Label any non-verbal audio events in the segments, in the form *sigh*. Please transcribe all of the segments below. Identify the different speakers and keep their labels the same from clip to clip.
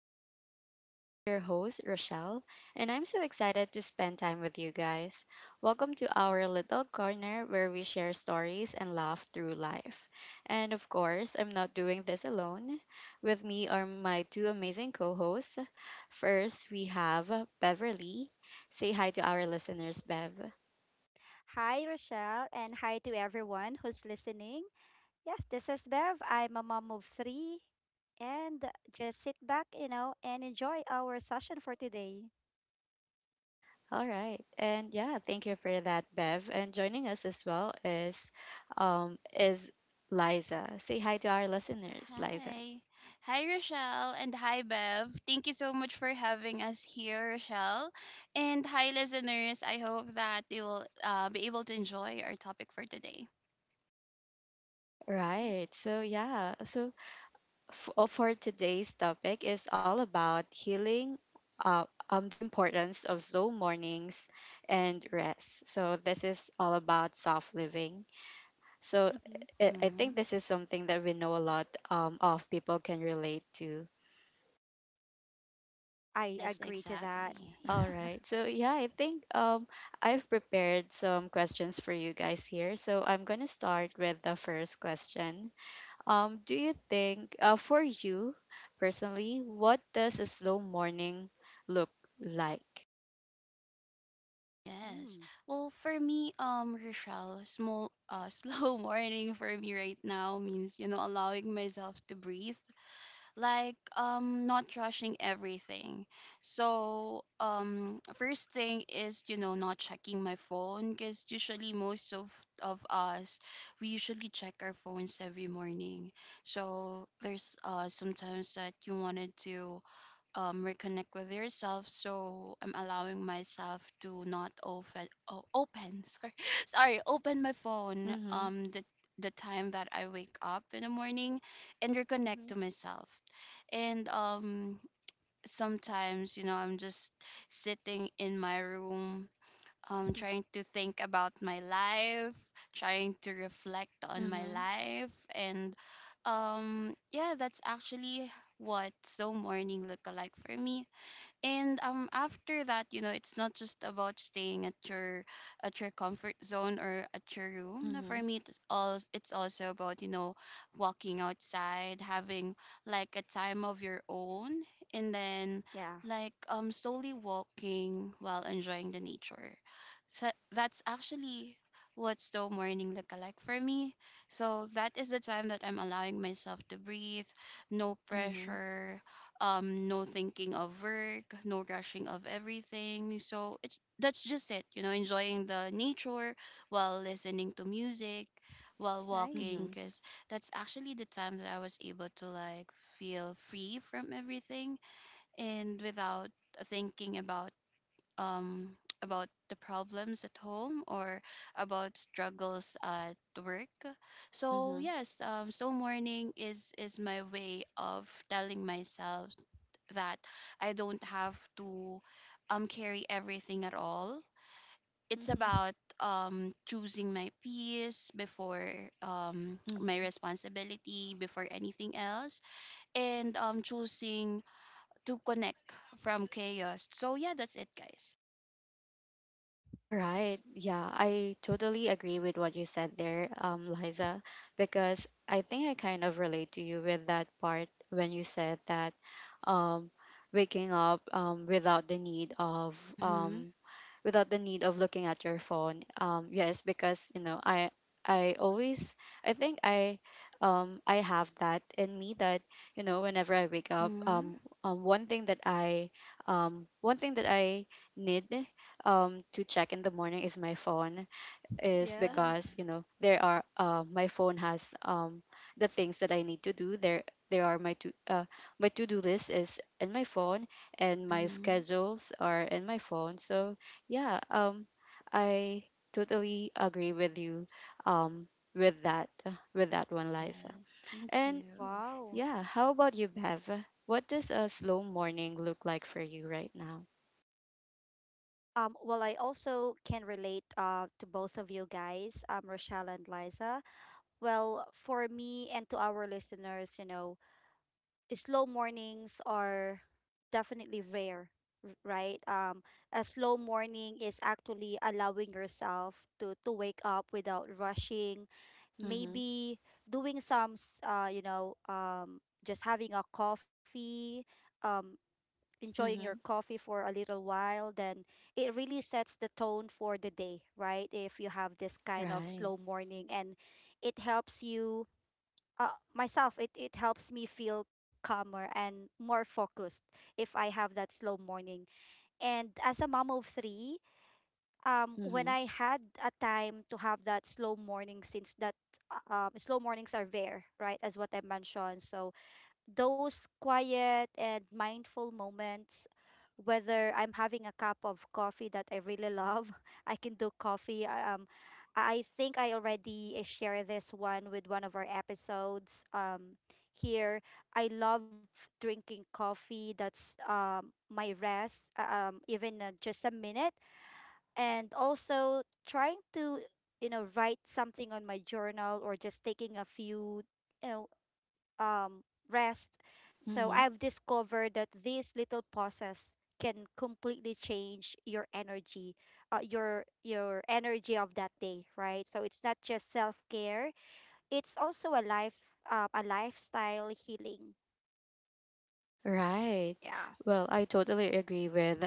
Speaker 1: our talks. I'm your host, Rochelle, and I'm so excited to spend time with you guys. Welcome to our little corner where we share stories and laugh through life. And of course, I'm not doing this alone. With me are my two amazing co hosts. First, we have Beverly. Say hi to our listeners, Bev.
Speaker 2: Hi, Rochelle, and hi to everyone who's listening. Yes, this is Bev. I'm a mom of three. And just sit back, and enjoy our session for today.
Speaker 1: All right. And yeah, thank you for that, Bev. And joining us as well is Liza. Say hi to our listeners, Liza.
Speaker 3: Hi. Hi, Rochelle, and hi, Bev. Thank you so much for having us here, Rochelle. And hi, listeners. I hope that you will be able to enjoy our topic for today.
Speaker 1: Right. So yeah, so for today's topic is all about healing, the importance of slow mornings and rest. So this is all about soft living. So
Speaker 2: Mhm.
Speaker 1: I think
Speaker 3: Mm-hmm.
Speaker 1: this is something that we know a lot of people can relate to.
Speaker 2: I
Speaker 3: Yes,
Speaker 2: agree to that.
Speaker 3: exactly.
Speaker 1: All
Speaker 3: Yeah.
Speaker 1: right. So yeah, I think I've prepared some questions for you guys here. So I'm gonna start with the first question. Do you think, for you personally, what does a slow morning look like?
Speaker 3: Yes.
Speaker 2: Mm.
Speaker 3: Well, for me, Rochelle, small, *laughs* slow morning for me right now means, you know, allowing myself to breathe like not rushing everything. So first thing is, you know, not checking my phone, because usually most of us, we usually check our phones every morning. So there's sometimes that you wanted to reconnect with yourself. So I'm allowing myself to not open, oh, open, *laughs* sorry, sorry, open my phone.
Speaker 1: Mm-hmm.
Speaker 3: The time that I wake up in the morning, and reconnect
Speaker 2: Hmm.
Speaker 3: to myself. And sometimes, you know, I'm just sitting in my room,
Speaker 2: *laughs*
Speaker 3: trying to think about my life, trying to reflect on my
Speaker 1: Mm-hmm.
Speaker 3: life, and yeah, that's actually what so morning look alike for me. And after that, you know, it's not just about staying at your comfort zone or at your room. No, for
Speaker 1: Mm-hmm.
Speaker 3: me it's also about, you know, walking outside, having like a time of your own, and then
Speaker 2: Yeah,
Speaker 3: like slowly walking while enjoying the nature. So that's actually what slow morning look like for me. So that is the time that I'm allowing myself to breathe. No
Speaker 1: Mm-hmm.
Speaker 3: pressure, no thinking of work, no rushing of everything. So it's that's just it, you know, enjoying the nature while listening to music, while
Speaker 2: nice.
Speaker 3: walking,
Speaker 1: Mm-hmm.
Speaker 3: because that's actually the time that I was able to like feel free from everything and without thinking um about the problems at home or about struggles at work. So
Speaker 1: Mm-hmm.
Speaker 3: yes, so morning is my way of telling myself that I don't have to carry everything at all. It's
Speaker 2: Mm-hmm.
Speaker 3: about choosing my peace before my
Speaker 1: Mm-hmm.
Speaker 3: responsibility before anything else, and choosing to connect from chaos. So yeah, that's it, guys.
Speaker 1: All right. Yeah, I totally agree with what you said there, Liza, because I think I kind of relate to you with that part when you said that, um, waking up,
Speaker 3: Mhm.
Speaker 1: um, without the need of looking at your phone. Yes, because you know, I always, I think I have that in me that, you know, whenever I wake up,
Speaker 3: Mhm.
Speaker 1: one thing that I one thing that I need to check in the morning is my phone, is
Speaker 2: Yeah.
Speaker 1: because
Speaker 3: Yes.
Speaker 1: you know there are, my phone has, the things that I need to do there. There are my to My to do list is in my phone and my
Speaker 3: Mhm.
Speaker 1: schedules are in my phone, so yeah, I totally agree with you, um with that with that one, Liza.
Speaker 3: Yes. Thank
Speaker 1: And
Speaker 3: you.
Speaker 2: Wow.
Speaker 1: yeah, how about you, Bev? What does a slow morning look like for you right now?
Speaker 2: Well, I also can relate to both of you guys, Rochelle and Liza. Well, for me and to our listeners, slow mornings are definitely rare, right? A slow morning is actually allowing yourself to wake up without rushing,
Speaker 1: Mm-hmm.
Speaker 2: maybe doing some, s- you know, just having a coffee, um, enjoying your
Speaker 1: Mm-hmm.
Speaker 2: coffee for a little while, then it really sets the tone for the day, right? If you have this kind of
Speaker 1: Right.
Speaker 2: slow morning and it helps you it helps me feel calmer and more focused if I have that slow morning. And as a mom of three, when
Speaker 1: Mm-hmm.
Speaker 2: I had a time to have that slow morning, since that slow mornings are rare, right? As what I mentioned. So those quiet and mindful moments, whether I'm having a cup of coffee that I really love, *laughs* I can do coffee. I think I already share this one with one of our episodes. Here, I love drinking coffee. That's my rest. Even just a minute, and also trying to write something on my journal or just taking a few you know um, rest. So
Speaker 1: Mm-hmm.
Speaker 2: I've discovered that these little pauses can completely change your energy, your energy of that day, right? So it's not just self care; it's also a lifestyle healing.
Speaker 1: Right.
Speaker 2: Yeah.
Speaker 1: Well, I totally agree with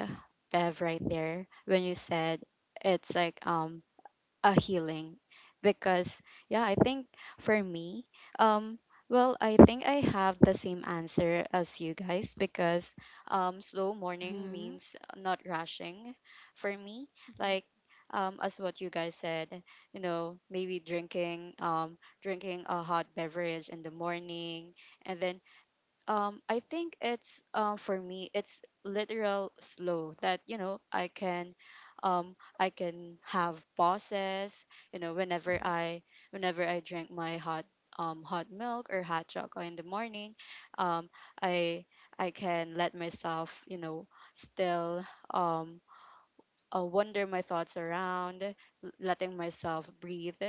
Speaker 1: Bev right there when you said it's like a healing, because yeah, I think for me, um I think I have the same answer as you guys, because slow morning
Speaker 3: Mhm.
Speaker 1: means not rushing for me,
Speaker 2: Hmm.
Speaker 1: like, as what you guys said, you know, maybe drinking a hot beverage in the morning, and then, I think it's, for me it's literal slow that, you know, I can have pauses, you know, whenever I drink my hot milk or hot chocolate in the morning. um i I can let myself, you know, still, um wander my thoughts around, letting myself breathe,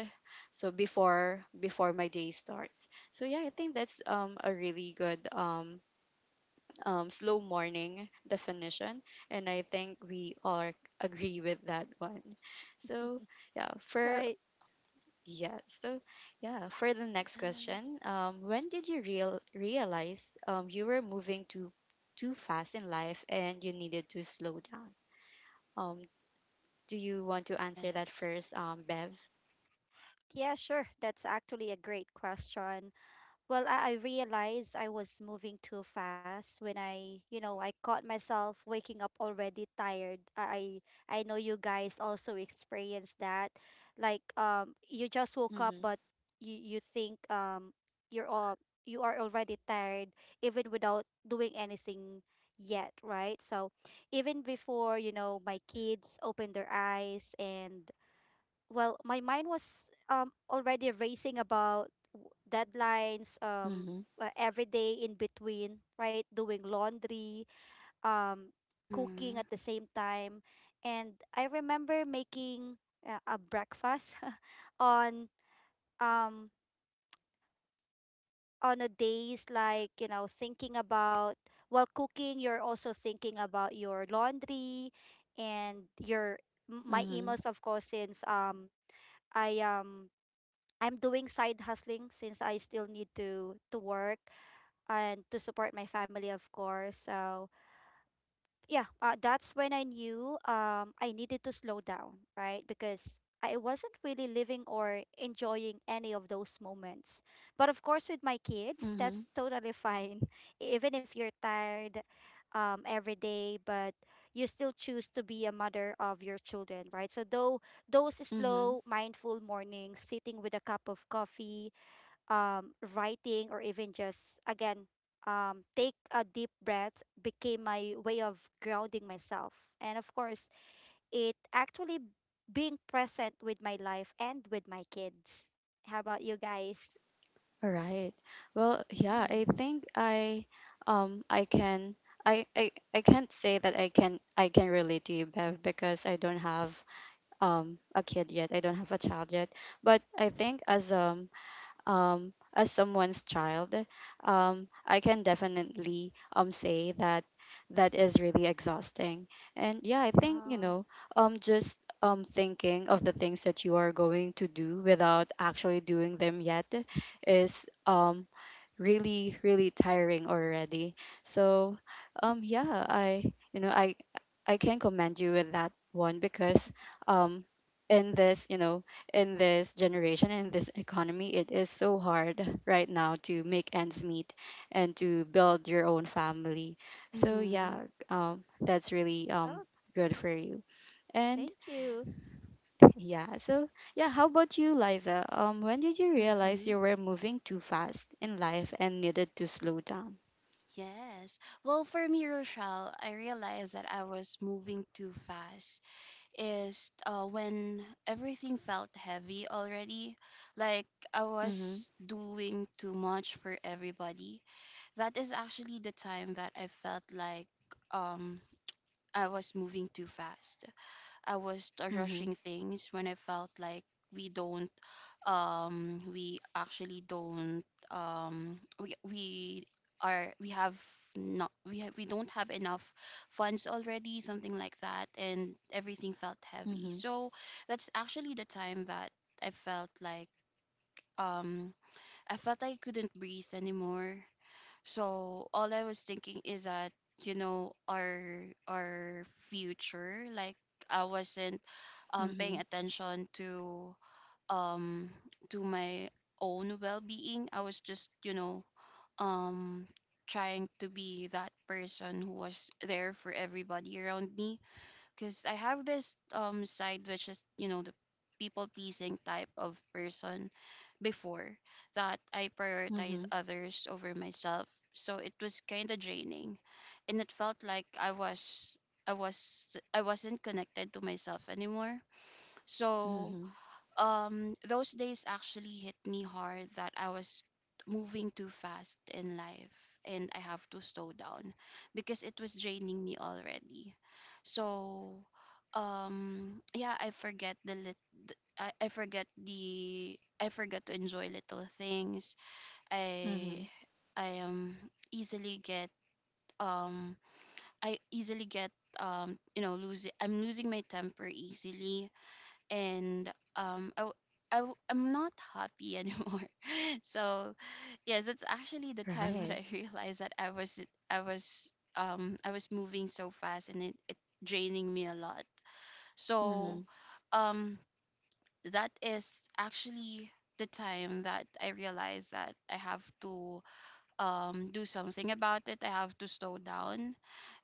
Speaker 1: so before my day starts. So yeah, I think that's a really good, slow morning definition, and I think we all agree with that one. So yeah,
Speaker 2: *laughs* Right.
Speaker 1: yeah, so yeah, for the next
Speaker 3: Yes.
Speaker 1: question, when did you realize, you were moving too fast in life and you needed to slow down? Um, do you want to answer that
Speaker 3: Yes.
Speaker 1: first, Bev?
Speaker 2: Yeah, sure. That's actually a great question. Well, I realized I was moving too fast when I caught myself waking up already tired. I know you guys also experience that. Like you just woke up
Speaker 1: Mm-hmm.
Speaker 2: but you think you're all you are already tired even without doing anything yet, right? So even before, my kids opened their eyes, and well, my mind was already racing about deadlines,
Speaker 1: Mm-hmm.
Speaker 2: every day in between, right? Doing laundry, um, cooking
Speaker 3: Mhm.
Speaker 2: at the same time, and I remember making a breakfast *laughs* on um on a days, like thinking about while cooking, you're also thinking about your laundry and my
Speaker 1: Mm-hmm.
Speaker 2: emails, of course, since I um I'm doing side hustling since I still need to work and to support my family, of course. So yeah, that's when I knew I needed to slow down, right? Because I wasn't really living or enjoying any of those moments. But of course, with my kids,
Speaker 1: Mm-hmm.
Speaker 2: that's totally fine. *laughs* Even if you're tired every day, but you still choose to be a mother of your children, right? So though those
Speaker 1: Mm-hmm.
Speaker 2: slow, mindful mornings, sitting with a cup of coffee, writing or even just again take a deep breath, became my way of grounding myself, and of course it actually being present with my life and with my kids. How about you guys?
Speaker 1: All right. Well, yeah, I
Speaker 3: Yes.
Speaker 1: think um I can I can't say that I can relate to you, Bev, because I don't have a kid yet. I don't have a child yet. But I think, as someone's child, I can definitely, say that that is really exhausting. And yeah, I think, you
Speaker 2: Yeah.
Speaker 1: know, just thinking of the things that you are going to do without actually doing them yet is, really, really tiring already. So yeah, I you know, I can commend you with that one, because um in this, you know, in this generation, in this economy, it is so hard right now to make ends meet and to build your own family. So yeah,
Speaker 3: Mhm.
Speaker 1: that's really,
Speaker 2: Oh,
Speaker 1: good for you. And
Speaker 2: thank you.
Speaker 3: Yes.
Speaker 1: yeah. So, yeah, how about you, Liza? When did you realize
Speaker 3: Mm-hmm.
Speaker 1: you were moving too fast in life and needed to slow down?
Speaker 3: Yes. Well, for me, Rochelle, I realized that I was moving too fast. Is when everything felt heavy already, like I
Speaker 1: Mm-hmm.
Speaker 3: was doing too much for everybody. That is actually the time that I felt like um I was moving too fast. I was
Speaker 1: Mm-hmm.
Speaker 3: rushing things when I felt like we don't we actually don't we are we have not we have we don't have enough funds already, something like that, and everything felt heavy.
Speaker 1: Mm-hmm.
Speaker 3: So that's actually the time that I felt like um I felt like I couldn't breathe anymore. So all I was thinking is that, you know, our future, like I wasn't paying
Speaker 1: Mm-hmm.
Speaker 3: attention to um do my own well-being. I was just, you know, um trying to be that person who was there for everybody around me, because I have this side which is, you know, the people pleasing type of person before, that I prioritize
Speaker 1: Mm-hmm.
Speaker 3: others over myself. So it was kind of draining, and it felt like I wasn't connected to myself anymore. So
Speaker 1: Mm-hmm.
Speaker 3: those days actually hit me hard, that I was moving too fast in life and I have to slow down because it was draining me already. So yeah, I forget the lit I forget the I forget to enjoy little things.
Speaker 1: Mm-hmm.
Speaker 3: I I easily get um I easily get you know losing I'm losing my temper easily. And I'm not happy anymore. *laughs* So yes, it's actually the time that
Speaker 1: Right.
Speaker 3: I *laughs* realized that I was I was I was moving so fast and it draining me a lot.
Speaker 1: Mm-hmm.
Speaker 3: So um that is actually the time that I realized that I have to do something about it. I have to slow down.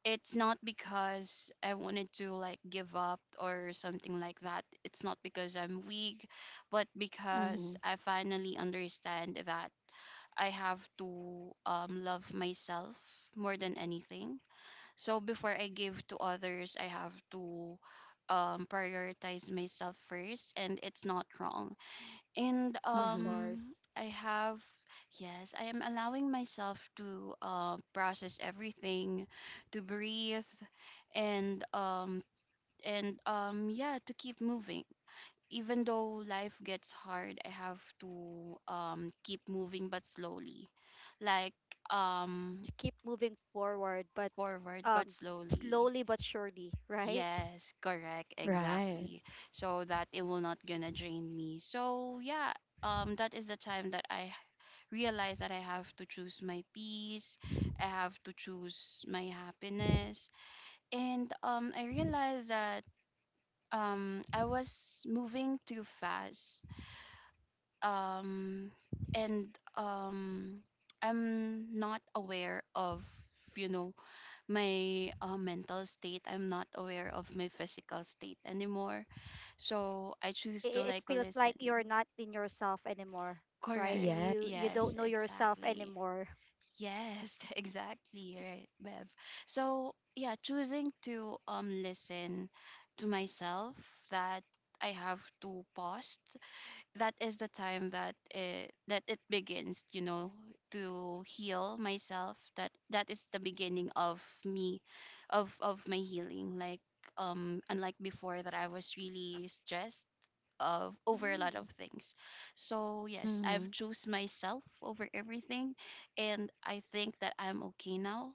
Speaker 3: It's not because I wanted to like give up or something like that. It's not because I'm weak, but because
Speaker 1: Mm-hmm.
Speaker 3: I finally understand that I have to love myself more than anything. So before I give to others, I have to prioritize myself first, and it's not wrong. And
Speaker 2: Of
Speaker 1: Mm-hmm.
Speaker 2: course.
Speaker 3: I have yes, I am allowing myself to process everything, to breathe, and um and yeah, to keep moving. Even though life gets hard, I have to keep moving but slowly, like um
Speaker 2: You keep moving forward, but
Speaker 3: forward
Speaker 2: um
Speaker 3: but slowly.
Speaker 2: slowly but surely, *laughs* right?
Speaker 3: Yes, correct,
Speaker 1: Right.
Speaker 3: exactly. So that it will not gonna drain me. So yeah, that is the time that I realize that I have to choose my peace, I have to choose my happiness. And I realized that I was moving too fast. Um, and um, I'm not aware of, you know, my mental state, I'm not aware of my physical state anymore. So I choose to
Speaker 2: It
Speaker 3: like
Speaker 2: feels like you're
Speaker 3: listen.
Speaker 2: not in yourself anymore, right?
Speaker 3: Correct,
Speaker 1: Yeah.
Speaker 2: You don't
Speaker 3: yes,
Speaker 2: know yourself
Speaker 3: exactly.
Speaker 2: anymore.
Speaker 3: Yes, *laughs* exactly, right, Bev. So yeah, choosing to listen to myself, that I have to pause, that is the time that it begins, you know, to heal myself, that that is the beginning of me, of my healing, like unlike before, that I was really stressed of over a lot
Speaker 2: Mm.
Speaker 3: of things. So yes, I've
Speaker 1: Mm-hmm.
Speaker 3: choose myself over everything, and I think that I'm okay now,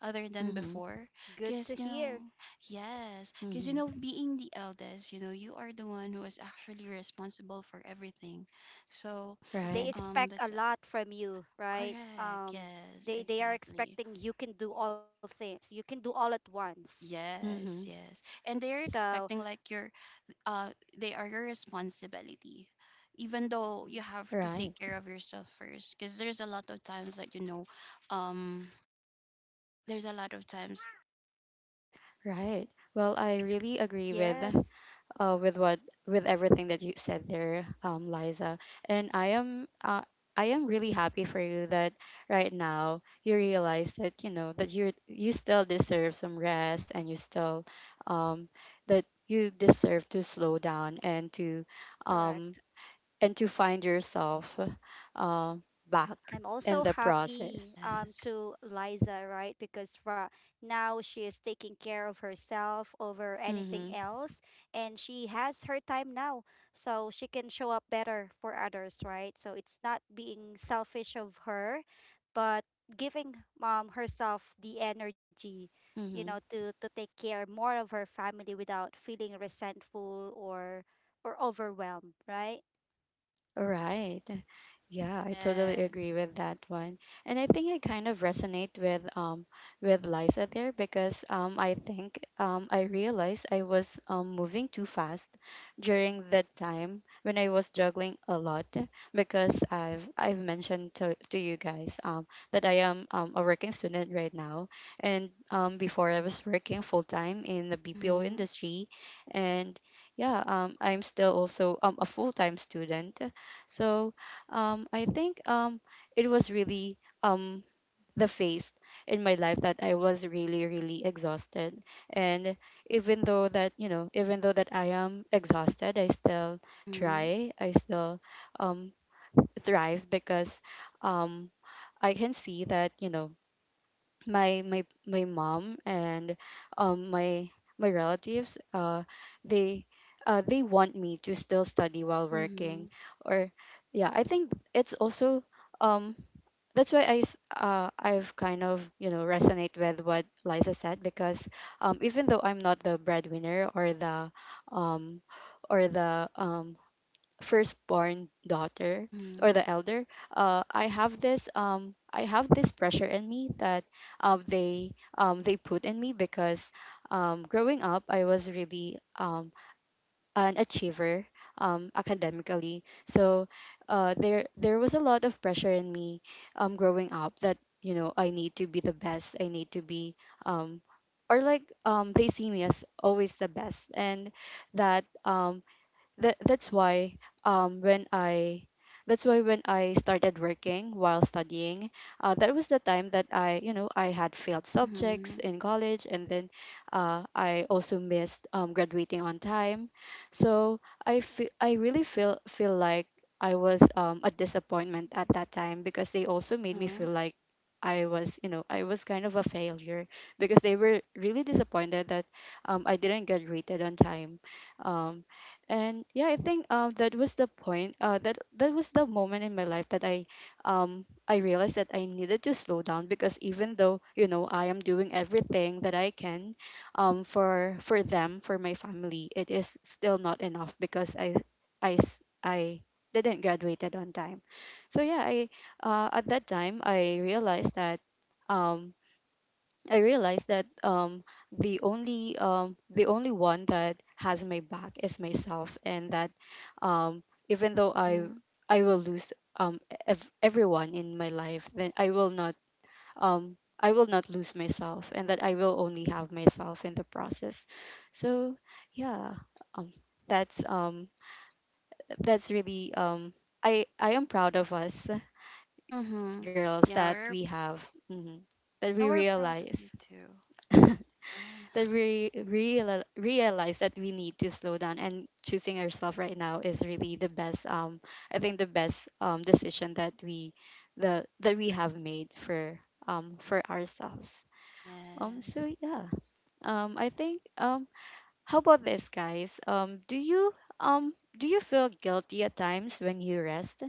Speaker 3: other than
Speaker 1: Mm-hmm.
Speaker 3: before.
Speaker 2: Good to
Speaker 3: Because you
Speaker 2: hear.
Speaker 3: know, yes, because you
Speaker 1: Mm-hmm.
Speaker 3: know, being the eldest, you know, you are the one who is actually responsible for everything. So
Speaker 2: They
Speaker 1: Right.
Speaker 2: expect a
Speaker 3: that's
Speaker 2: lot from you, right?
Speaker 3: correct,
Speaker 2: Um,
Speaker 3: yes,
Speaker 2: they they are
Speaker 3: exactly.
Speaker 2: expecting you can do all things. You can do all at once.
Speaker 3: Yes,
Speaker 1: Mm-hmm.
Speaker 3: yes, and they're
Speaker 2: So,
Speaker 3: expecting like your uh they are your responsibility, even though
Speaker 2: mhm,
Speaker 3: you have to take
Speaker 1: Right.
Speaker 3: care of yourself first, because there's a lot of times that, you know, um there's a lot of times.
Speaker 1: Right. Well, I really agree with,
Speaker 2: yes,
Speaker 1: with what with everything that you said there, Liza. And I am really happy for you that right now you realize, that you know, that you still deserve some rest, and you still, um, that you deserve to slow down, um,
Speaker 2: correct.
Speaker 1: and to find yourself, uh, back
Speaker 2: I'm
Speaker 1: in
Speaker 2: also
Speaker 1: the
Speaker 2: happy
Speaker 1: process.
Speaker 3: Yes,
Speaker 2: to Liza, right? Because now she is taking care of herself over anything
Speaker 1: Mm-hmm.
Speaker 2: else, and she has her time now. So she can show up better for others, right? So it's not being selfish of her, but giving herself the energy,
Speaker 1: Mm-hmm.
Speaker 2: to take care more of her family without feeling resentful or overwhelmed, right?
Speaker 1: Right. Yeah, I totally
Speaker 3: yes.
Speaker 1: agree with that one. And I think I kind of resonate with, with Liza there, because I think, I realized I was, moving too fast during that time when I was juggling a lot, because I've mentioned to you guys, that I am, a working student right now, and before I was working full time in the BPO
Speaker 3: Mm-hmm.
Speaker 1: industry, and yeah, I'm still also, a full time student, so, I think, it was really, um, the phase in my life that I was really, really exhausted. And even though that, you know, even though that I am exhausted, I still
Speaker 3: Mm-hmm.
Speaker 1: try, I still um, thrive, because um, I can see that, you know, my mom and um my my relatives, they they want me to still study while working.
Speaker 3: Mhm.
Speaker 1: Or yeah, I think it's also, um that's why I've kind of, you know, resonate with what Liza said, because even though I'm not the breadwinner or the, um or the um firstborn daughter or
Speaker 3: Mhm.
Speaker 1: the elder, I
Speaker 2: Mhm.
Speaker 1: have this, pressure in me that, um, they they put in me, because, growing up I was really, an achiever, academically. So, there was a lot of pressure in me, growing up, that, you know, I need to be the best. I need to be um, or like They see me as always the best, and that, that's why, when I that's why when I started working while studying, that was the time that, I you know I had failed subjects
Speaker 3: Mhm.
Speaker 1: in college, and then, I also missed, graduating on time. So I really feel like I was, a disappointment at that time, because they also made me
Speaker 3: Uh-huh.
Speaker 1: feel like I was kind of a failure, because they were really disappointed that, I didn't get rated on time, um, and yeah, I think that was the point. That was the moment in my life that I realized that I needed to slow down, because even though, you know, I am doing everything that I can, for them, for my family, it is still not enough, because I didn't graduated on time. So yeah, I at that time I realized that, um I realized that um, the only one that has my back is myself, and that, um, even though
Speaker 3: Mhm.
Speaker 1: I will lose, everyone in my life, then I will not lose myself, and that I will only have myself in the process. So yeah, um, that's um, that's really, I am proud of us
Speaker 3: Mhm.
Speaker 1: girls
Speaker 3: Yeah,
Speaker 1: that
Speaker 3: we're
Speaker 1: we have, mhm, that
Speaker 3: yeah,
Speaker 1: we
Speaker 3: we're proud of you
Speaker 1: realize.
Speaker 3: too.
Speaker 1: *laughs*
Speaker 3: Uh, *laughs*
Speaker 1: But we realize that we need to slow down, and choosing ourselves right now is really the best, I think the best, decision that we the that we have made for, for ourselves. Um so
Speaker 3: yes.
Speaker 1: yeah, I think, how about this, guys? Do you feel guilty at times when you rest?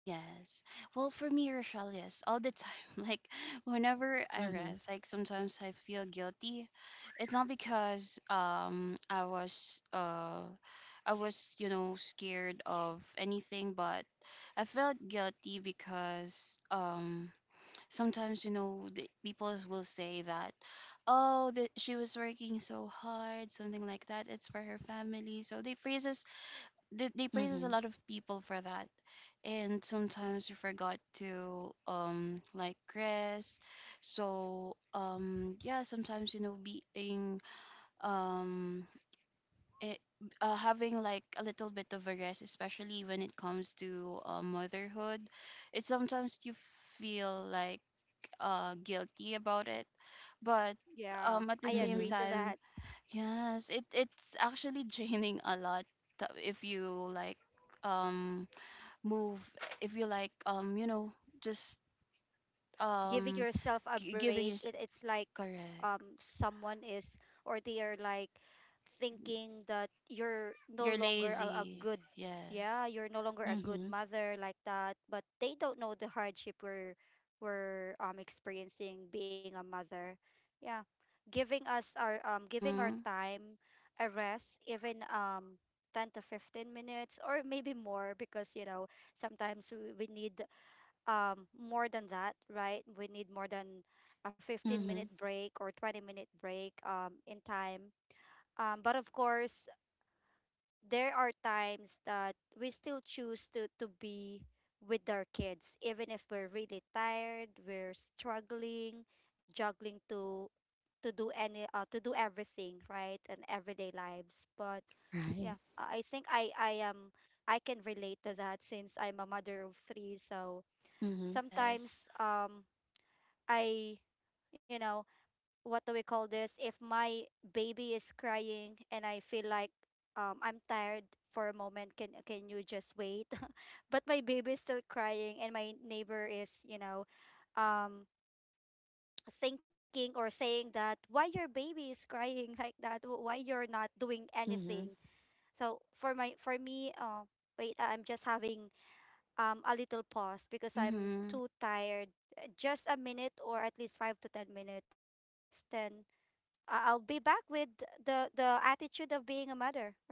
Speaker 3: Yes. Well, for me, Rochelle, yes, all the time. *laughs* Like whenever I
Speaker 1: Mm-hmm.
Speaker 3: rest, like sometimes I feel guilty. It's not because I was, you know, scared of anything, but I felt guilty because sometimes, you know, the people will say that, oh, that she was working so hard, something like that, it's for her family. So they praises, they praises a
Speaker 1: Mm-hmm.
Speaker 3: lot of people for that, and sometimes you forgot to like rest. So yeah, sometimes, you know, being um it, having like a little bit of a rest, especially when it comes to motherhood, it sometimes you feel like guilty about it. But
Speaker 2: Yeah,
Speaker 3: at
Speaker 2: I
Speaker 3: the same
Speaker 2: agree
Speaker 1: Mm-hmm.
Speaker 2: to
Speaker 3: time,
Speaker 2: that.
Speaker 3: yes, it it's actually *laughs* draining a lot to- if you like um move, if you like, you know, just
Speaker 2: Giving
Speaker 3: um
Speaker 2: yourself a
Speaker 3: giving
Speaker 2: break,
Speaker 3: your
Speaker 2: it's like
Speaker 3: correct,
Speaker 2: someone is, or they are like thinking that you're no
Speaker 3: you're
Speaker 2: longer a
Speaker 3: lazy,
Speaker 2: good.
Speaker 3: yes.
Speaker 2: Yeah, you're no longer a good
Speaker 1: Mm-hmm.
Speaker 2: mother, like that, but they don't know the hardship we're experiencing being a mother. Yeah, giving us our giving our
Speaker 3: Mhm.
Speaker 2: time a rest, even 10 to 15 minutes or maybe more, because sometimes we need more than that, right? We need more than a 15-minute
Speaker 1: Mm-hmm.
Speaker 2: break or 20-minute break in time. But of course, there are times that we still choose to be with our kids, even if we're really tired, we're struggling, juggling to do any to do everything, right? And everyday lives. But
Speaker 1: Right.
Speaker 2: yeah, I think I can relate to that, since I'm a mother of 3, so
Speaker 1: Mm-hmm.
Speaker 3: Yes.
Speaker 2: sometimes I, you know what do we call this, if my baby is crying and I feel like I'm tired for a moment, can you just wait? *laughs* But my baby is still crying, and my neighbor is, um thinking or saying that, why your baby is crying? *laughs* Like that. Why you're not doing
Speaker 1: Mm-hmm.
Speaker 2: anything? So for me, wait, I'm just having a little pause because I'm
Speaker 3: Mhm.
Speaker 2: too tired. Just a minute or at least 5 to 10 minutes. Then I'll be back with the attitude of being a mother, *laughs* right?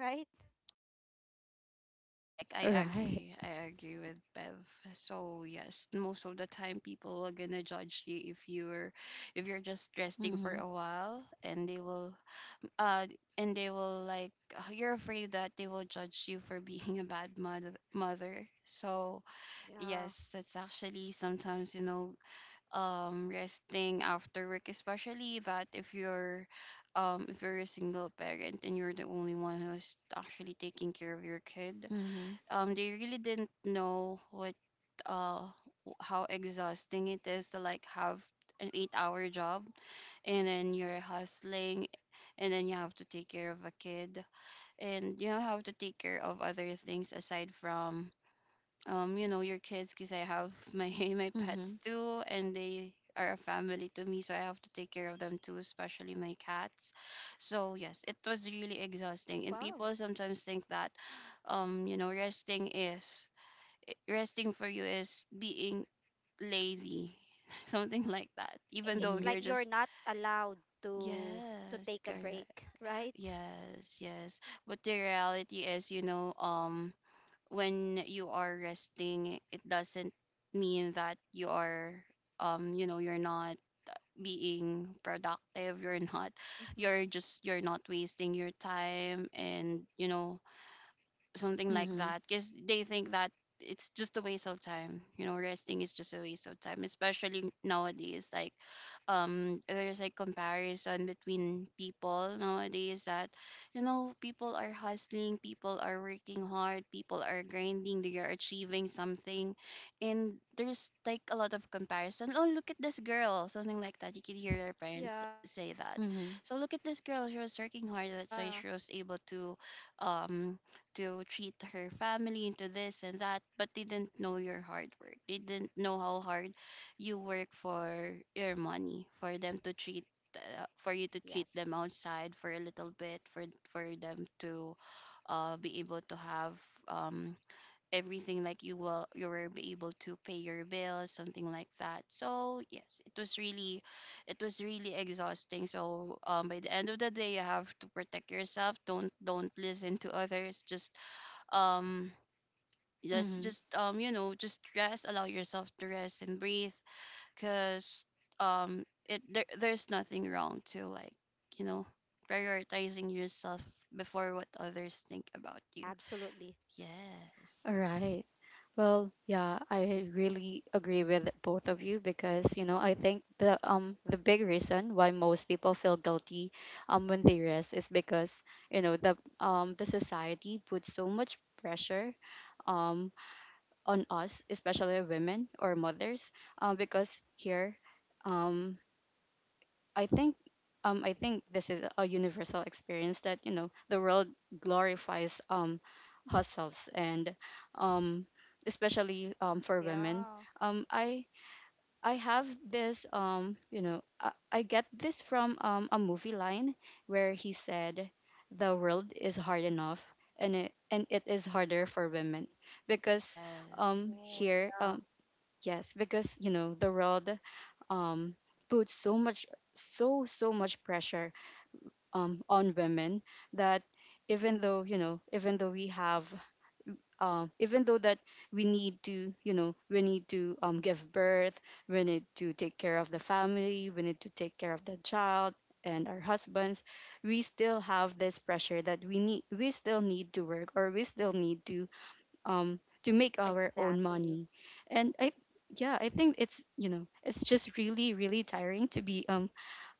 Speaker 3: Correct. I
Speaker 1: Right.
Speaker 3: agree. I agree with Bev. So yes, most of the time people are gonna judge you if you're just resting for
Speaker 1: Mm-hmm.
Speaker 3: a while, uh and they will like you're afraid that they will judge you for *laughs* being a bad mother. So
Speaker 2: Yeah.
Speaker 3: yes, that's actually sometimes, you know, resting after work, especially that if you're a single parent and you're the only one who's actually taking care of your kid,
Speaker 1: Mm-hmm.
Speaker 3: they really didn't know what uh how exhausting it is to like have an 8 hour job, and then you're hustling, and then you have to take care of a kid, and, you know, have to take care of other things aside from, you know, your kids, because I have my *laughs* my pets
Speaker 1: Mm-hmm.
Speaker 3: too, and they are a family to me, so I have to take care of them too, especially my cats. So yes, it was really
Speaker 2: Wow.
Speaker 3: exhausting, and people sometimes think that, you know, resting is resting for you is being lazy, *laughs* something like that,
Speaker 2: I-
Speaker 3: even
Speaker 2: It's
Speaker 3: though
Speaker 2: like
Speaker 1: Mm-hmm.
Speaker 3: you're
Speaker 2: you're
Speaker 3: just
Speaker 2: not allowed to to take a
Speaker 3: yes,
Speaker 2: break,
Speaker 3: correct,
Speaker 2: *laughs* right?
Speaker 3: yes, yes. But the reality is, you know, when you are resting, it doesn't mean that you are you know, you're not being productive, you're not
Speaker 2: Mm-hmm.
Speaker 3: you're just you're not wasting your time, and, you know, something like
Speaker 1: Mm-hmm.
Speaker 3: that, because they think that it's just a waste of time, you know, resting is just a waste of time. Especially nowadays, like there's like comparison between people nowadays, that, you know, people are hustling, people are working hard, people are grinding, they are achieving something, and there's like a lot of comparison. Oh, look at this girl, something like that, you can hear your parents
Speaker 2: Yeah.
Speaker 3: say that.
Speaker 1: Mm-hmm.
Speaker 3: So look at this girl, she was working hard, that's why she was able um to treat her family into this and that, but they didn't know your hard work. They didn't know how hard you work for your money, for them to treat,
Speaker 2: Yes,
Speaker 3: for you to treat them outside for a little bit, for them to, be able to have um everything, like you will be able to pay your bills, something like that. So yes, it was really, it was really exhausting. So by the end of the day, you have to protect yourself. Don't listen to others. just um just
Speaker 1: Mm-hmm.
Speaker 3: just um you know just rest. Allow yourself to rest and breathe. Because it there's nothing wrong to, like, you know prioritizing yourself before what others think about you.
Speaker 2: absolutely.
Speaker 3: Yes.
Speaker 1: All right. Well, yeah, I really agree with both of you because, you know, I think the big reason why most people feel guilty when they rest is because, you know, the society puts so much pressure um on us, especially women or mothers, because here um I think, I think this is a universal experience that, you know, the world glorifies hustles and, um especially for
Speaker 2: Yeah.
Speaker 1: women. Um I I have this, you know, I get this from a movie line where he said the world is hard enough, and it is harder for women because
Speaker 3: Yes.
Speaker 2: Oh,
Speaker 1: here
Speaker 2: yeah.
Speaker 1: yes, because, you know, the world um put so much, so much pressure on women, that even though, you know, even though we have, even though that we need to, you know, we need to give birth, we need to take care of the family, we need to take care of the child and our husbands. We still have this pressure that we still need to work, or we still need to make our own
Speaker 2: Exactly.
Speaker 1: money. And i yeah, I think it's, you know, it's just really really tiring to be um,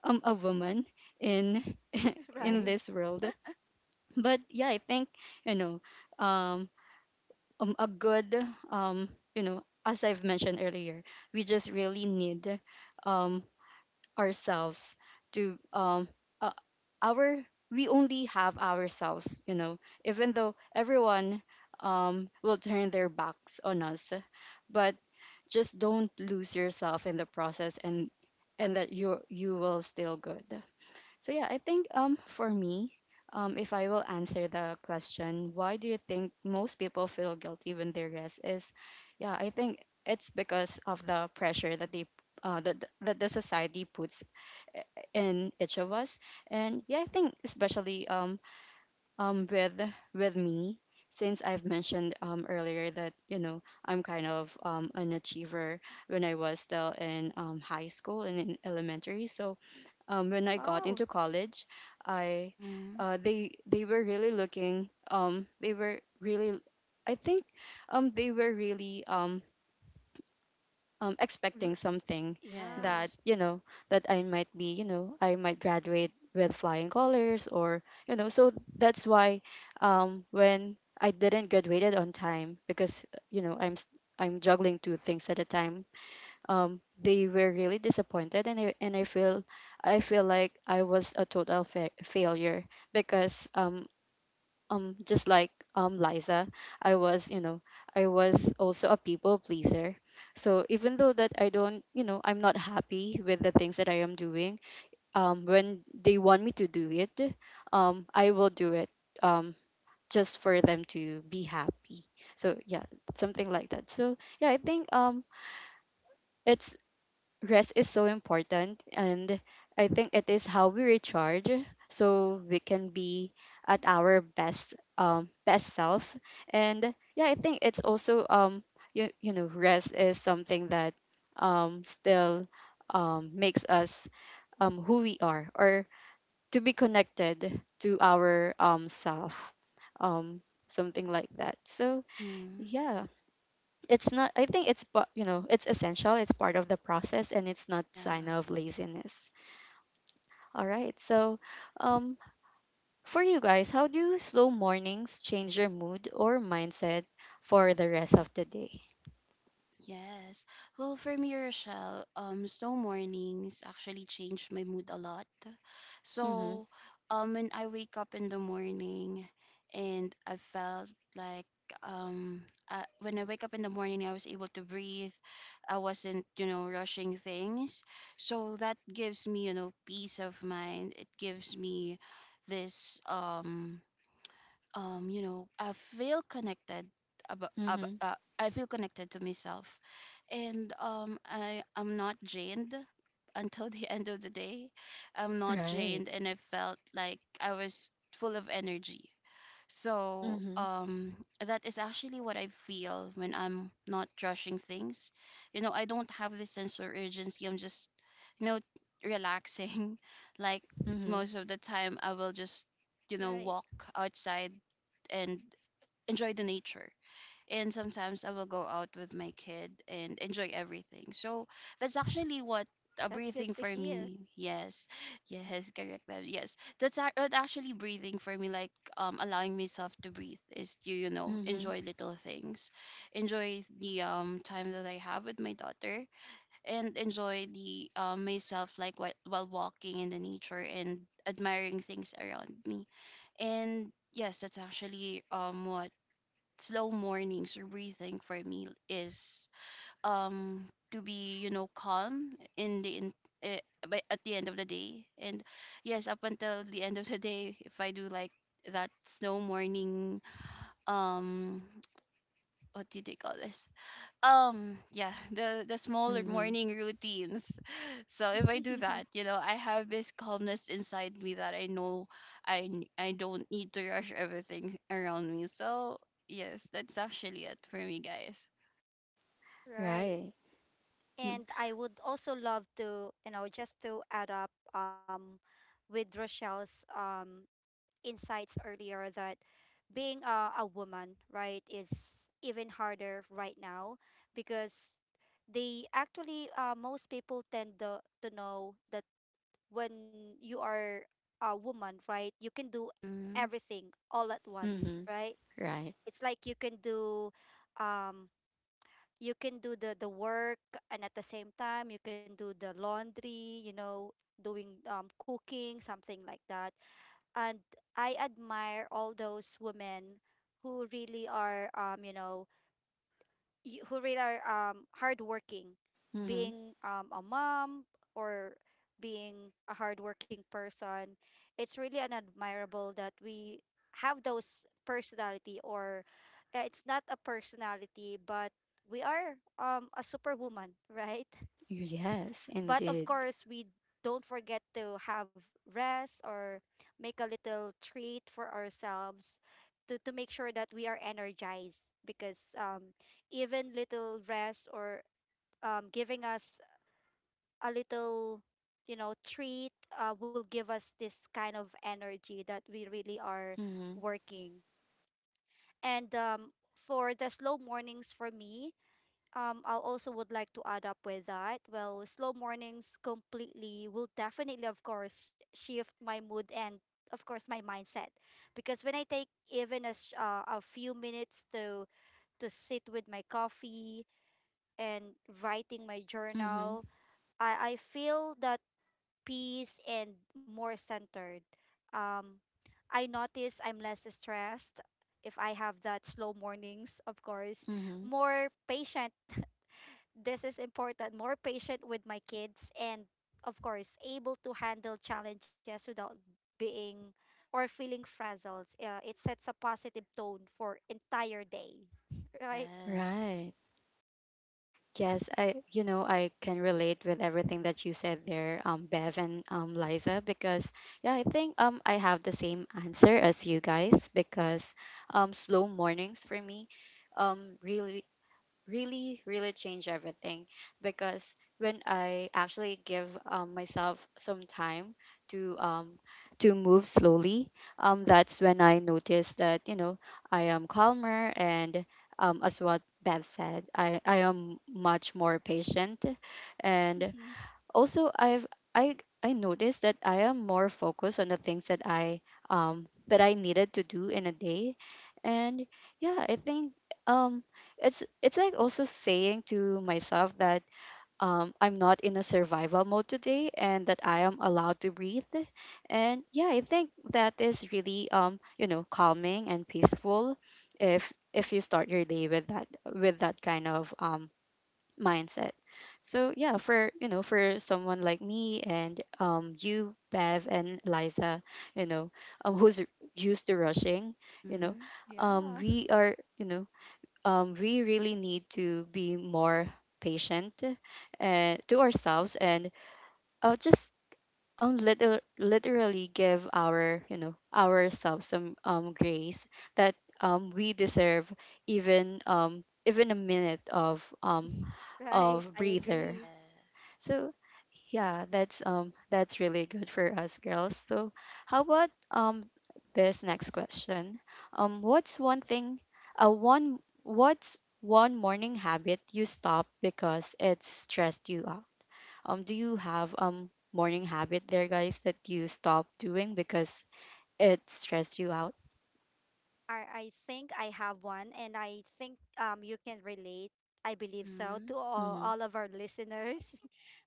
Speaker 1: um a woman in *laughs*
Speaker 2: *laughs*
Speaker 1: in
Speaker 3: Mm-hmm.
Speaker 2: Right.
Speaker 1: this world. But yeah, I think, you know, um, a good, you know, as I've mentioned earlier, we just really need um ourselves to, uh, our we only have ourselves, you know. Even though everyone will turn their backs on us, but just don't lose yourself in the process, and that you, will still good. So yeah, I think, for me, if I will answer the question, why do you think most people feel guilty when they rest? Is, yeah, I think it's because of the pressure that they that that the society puts in each of us. And yeah, I think especially, with me, since I've mentioned earlier that, you know, I'm kind of an achiever when I was still in, high school and in elementary. So when I got
Speaker 2: Wow.
Speaker 1: into college, I
Speaker 3: Mm-hmm.
Speaker 1: they were really looking, they were really, I think, they were really expecting
Speaker 2: L-
Speaker 1: something,
Speaker 2: Yeah.
Speaker 1: that,
Speaker 3: Yes.
Speaker 1: you know, that I might be, you know, I might graduate with flying colors, or, you know. So that's why, when I didn't graduated on time, because, you know, I'm juggling two things at a time, they were really disappointed, and I feel like I was a total failure because, just like, Liza, I was, you know, I was
Speaker 3: Mm-hmm.
Speaker 1: also a people pleaser. So even though that I don't, you know, I'm not happy with the things that I am doing, when they want me to do it, I will do it um just for them to be happy. So yeah, something like that. So yeah, I think it's rest is so important, and I think it is how we recharge so we can be at our best, best self. And yeah, I think it's also, you, know, rest is something that still makes us who we are, or to be connected to our self, um something like that. So
Speaker 3: Mm-hmm.
Speaker 1: yeah, it's not, I think it's, you know, it's essential. It's part of the process, and it's not sign
Speaker 3: Yeah.
Speaker 1: of laziness. All right, so, um for you guys, how do slow mornings change your mood or mindset for the rest of the day?
Speaker 3: Yes. Well, for me, Rochelle, snow mornings actually changed my mood a lot.
Speaker 1: Mm-hmm.
Speaker 3: So, when I wake up in the morning, and I felt like um, when I wake up in the morning, I was able to breathe. I wasn't, you know, rushing things. So that gives me, you know, peace of mind. It gives me this you know, I feel connected
Speaker 1: Mm-hmm.
Speaker 3: I feel connected to myself, and I am not drained until *laughs* the end of the day. I'm not
Speaker 1: Right.
Speaker 3: drained, and I felt like I was full of energy. So
Speaker 1: Mm-hmm.
Speaker 3: that is actually what I feel when I'm not rushing things. You know, I don't have this sense of urgency. I'm just, you know, relaxing. *laughs* Like
Speaker 1: Mm-hmm.
Speaker 3: most of the time, I will just, you know,
Speaker 2: Right.
Speaker 3: walk outside and enjoy the nature, and sometimes I will go out with my kid and enjoy everything. So that's actually what
Speaker 2: That's
Speaker 3: breathing
Speaker 2: good to
Speaker 3: for
Speaker 2: hear.
Speaker 3: me. Yes, yes, correct, ma'am. Yes, that's actually breathing for me. Like allowing myself to breathe is to, you know,
Speaker 1: Mm-hmm.
Speaker 3: enjoy little things, enjoy the time that I have with my daughter, and enjoy the myself, like while walking in the nature and admiring things around me. And yes, that's actually what slow mornings or breathing for me is to be, you know, calm in uh, by, at the end of the day. And yes, up until the end of the day, if I do like that slow morning, um what do they call this, yeah, the smaller
Speaker 1: Mm-hmm.
Speaker 3: morning routines. *laughs* So if I do that,
Speaker 2: *laughs*
Speaker 3: you know, I have this calmness inside me that I know I don't need to rush everything around me. So yes, that's actually it for me, guys.
Speaker 2: Right.
Speaker 1: Right.
Speaker 2: And I would also love to, just to add up with Rochelle's insights earlier, that being a woman, right, is even harder right now, because most people tend to know that when you are a woman, right, you can do
Speaker 3: Mm-hmm.
Speaker 2: everything all at once,
Speaker 1: Mm-hmm.
Speaker 2: right?
Speaker 1: Right.
Speaker 2: It's like um, you can do the work, and at the same time you can do the laundry, doing cooking, something like that. And I admire all those women who really are um you know who really are hardworking,
Speaker 1: Mm-hmm.
Speaker 2: being a mom, or being a hardworking person. It's really an admirable that we have those personality, or it's not a personality, but we are a superwoman, *laughs* right?
Speaker 1: Yes,
Speaker 2: But of
Speaker 1: indeed.
Speaker 2: course, we don't forget to have rest or make a little treat for ourselves, to make sure that we are energized, because even little rest, or giving us a little treat, will give us this kind of energy that we really are
Speaker 1: Mm-hmm.
Speaker 2: working. And for the slow mornings for me, I'll also would like to add up with that. Well, slow mornings completely will definitely, of course, shift my mood and, of course, my mindset. Because when I take even a few minutes to sit with my coffee and writing my journal,
Speaker 1: Mm-hmm.
Speaker 2: I feel that peace and more centered. Um, I notice I'm less stressed if I have that slow mornings, of course
Speaker 1: Mm-hmm.
Speaker 2: more patient, this is important, more patient with my kids, and of course able to handle challenges without being or feeling frazzled. It sets a positive tone for entire day. *laughs* Right?
Speaker 3: Yes.
Speaker 1: Right. Yes, I, you know, I can relate with everything that you said there, Bev, and Liza, because yeah, I think I have the same answer as you guys because slow mornings for me really really change everything, because when I actually give, myself some time to um to move slowly, that's when I notice that, you know, I am calmer, and, as what Bev said, I am much more patient. And
Speaker 2: Mhm.
Speaker 1: also I I noticed that I am more focused on the things that I needed to do in a day. And yeah, I think um it's like also saying to myself that I'm not in a survival mode today, and that I am allowed to breathe. And yeah, I think that is really, you know, calming and peaceful if you start your day with that, with that kind of mindset. So yeah, for, you know, for someone like me and, you, Bev and Liza, you know, um, who's r- used to rushing, you know,
Speaker 3: Mm-hmm.
Speaker 2: Yeah.
Speaker 1: we are, you know, we really need to be more patient and to ourselves, and uh just literally give our, you know, ourselves some grace that we deserve, even, even a minute of,
Speaker 2: *laughs* Right,
Speaker 1: of
Speaker 2: I
Speaker 1: breather.
Speaker 2: agree.
Speaker 3: Yes.
Speaker 1: So yeah, that's, that's really good for us girls. So how about this next question? What's one thing, one what's one morning habit you stop because it stressed you out? Do you have morning habit there, guys, that you stop doing because it stressed you out?
Speaker 2: I think I have one, and I think you can relate. I believe so
Speaker 3: Mm-hmm.
Speaker 2: to all,
Speaker 1: Mhm.
Speaker 2: all of our listeners.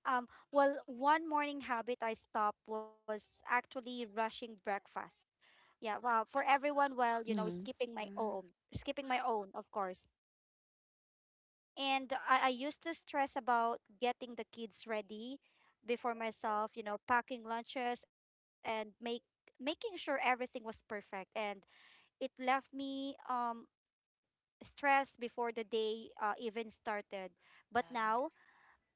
Speaker 2: *laughs* Well, one morning habit I stopped was actually rushing breakfast. Yeah, well, for everyone, well,
Speaker 1: Mhm.
Speaker 2: skipping my
Speaker 3: Mm-hmm.
Speaker 2: own skipping my own of course, and I used to stress about getting the kids ready before myself, packing lunches and make making sure everything was perfect, and it left me stressed before the day even started, but now,
Speaker 3: Yeah.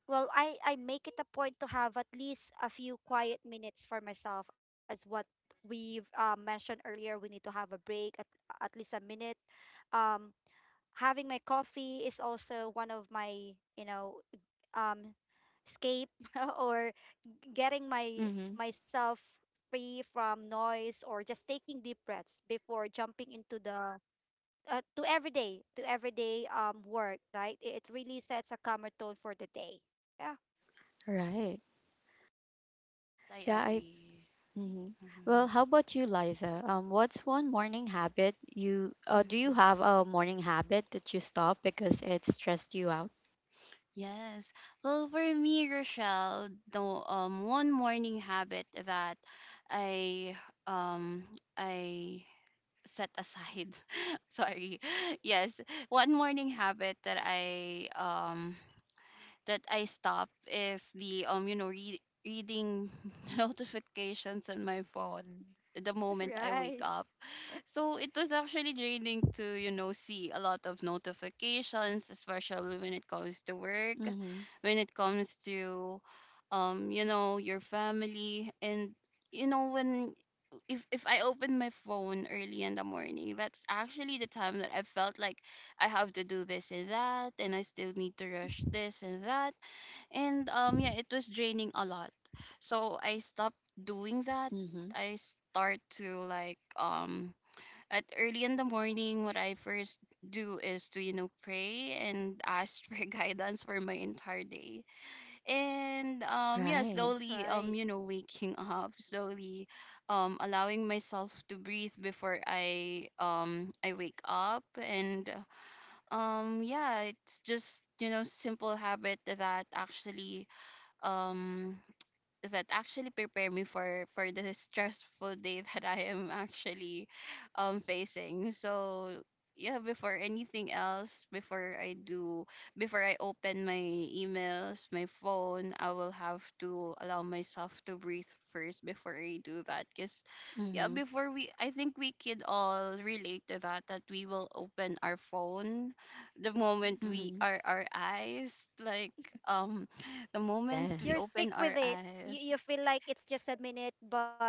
Speaker 2: well, I make it a point to have at least a few quiet minutes for myself, as what we've mentioned earlier. We need to have a break at least a minute. Um, Having my coffee is also one of my, um, escape *laughs* or getting my
Speaker 1: Mhm.
Speaker 2: myself free from noise, or just taking deep breaths before jumping into the to everyday work. Right, it really sets a calmer tone for the day. Yeah.
Speaker 1: Right.
Speaker 3: Yes, I
Speaker 1: Yeah, I
Speaker 3: agree.
Speaker 1: hmm Well,
Speaker 3: Mm-hmm.
Speaker 1: how about you, Liza? What's one morning habit you, do you
Speaker 3: Hmm.
Speaker 1: have a morning habit that you stop because it stressed you out?
Speaker 3: Yes. Well, for me, Rochelle, the one morning habit that I um I set aside. *laughs* Sorry. *laughs* Yes, one morning habit that I that I stop is the you know, reading *laughs* notifications on my phone the
Speaker 2: *laughs*
Speaker 3: moment I
Speaker 2: Right.
Speaker 3: wake up. So it was actually draining to, you know, see a lot of notifications, especially when it comes to work,
Speaker 1: Mm-hmm.
Speaker 3: when it comes to, you know, your family, and you know, when if I open my phone early in the morning, that's actually the time that I felt like I have to do this and that, and I still need to rush this and that, and yeah, it was draining a lot. So I stopped doing that.
Speaker 1: Mm-hmm.
Speaker 3: I start to, like, at early in the morning, what I first do is to, you know, pray and ask for *laughs* guidance for my entire day. And yeah,
Speaker 1: Right.
Speaker 3: slowly,
Speaker 2: Right.
Speaker 3: you know, waking *laughs* up slowly, allowing myself to breathe before I wake up. And yeah, it's just, you know, simple habit um that actually prepare me for the stressful day *laughs* that I am actually facing. So yeah, before anything else, before I do, before I open my emails, my phone, I will have to allow myself to breathe first before I do that. Cause yeah,
Speaker 1: Mm-hmm.
Speaker 3: before we, I think we could all relate to that, that we will open our phone the moment
Speaker 2: Hmm.
Speaker 3: we
Speaker 1: Mm-hmm.
Speaker 3: are our eyes, like, um, the moment we
Speaker 2: You stick
Speaker 1: Yes.
Speaker 3: open
Speaker 2: with
Speaker 3: our
Speaker 2: it. You,
Speaker 3: eyes.
Speaker 2: you feel like it's just a minute, but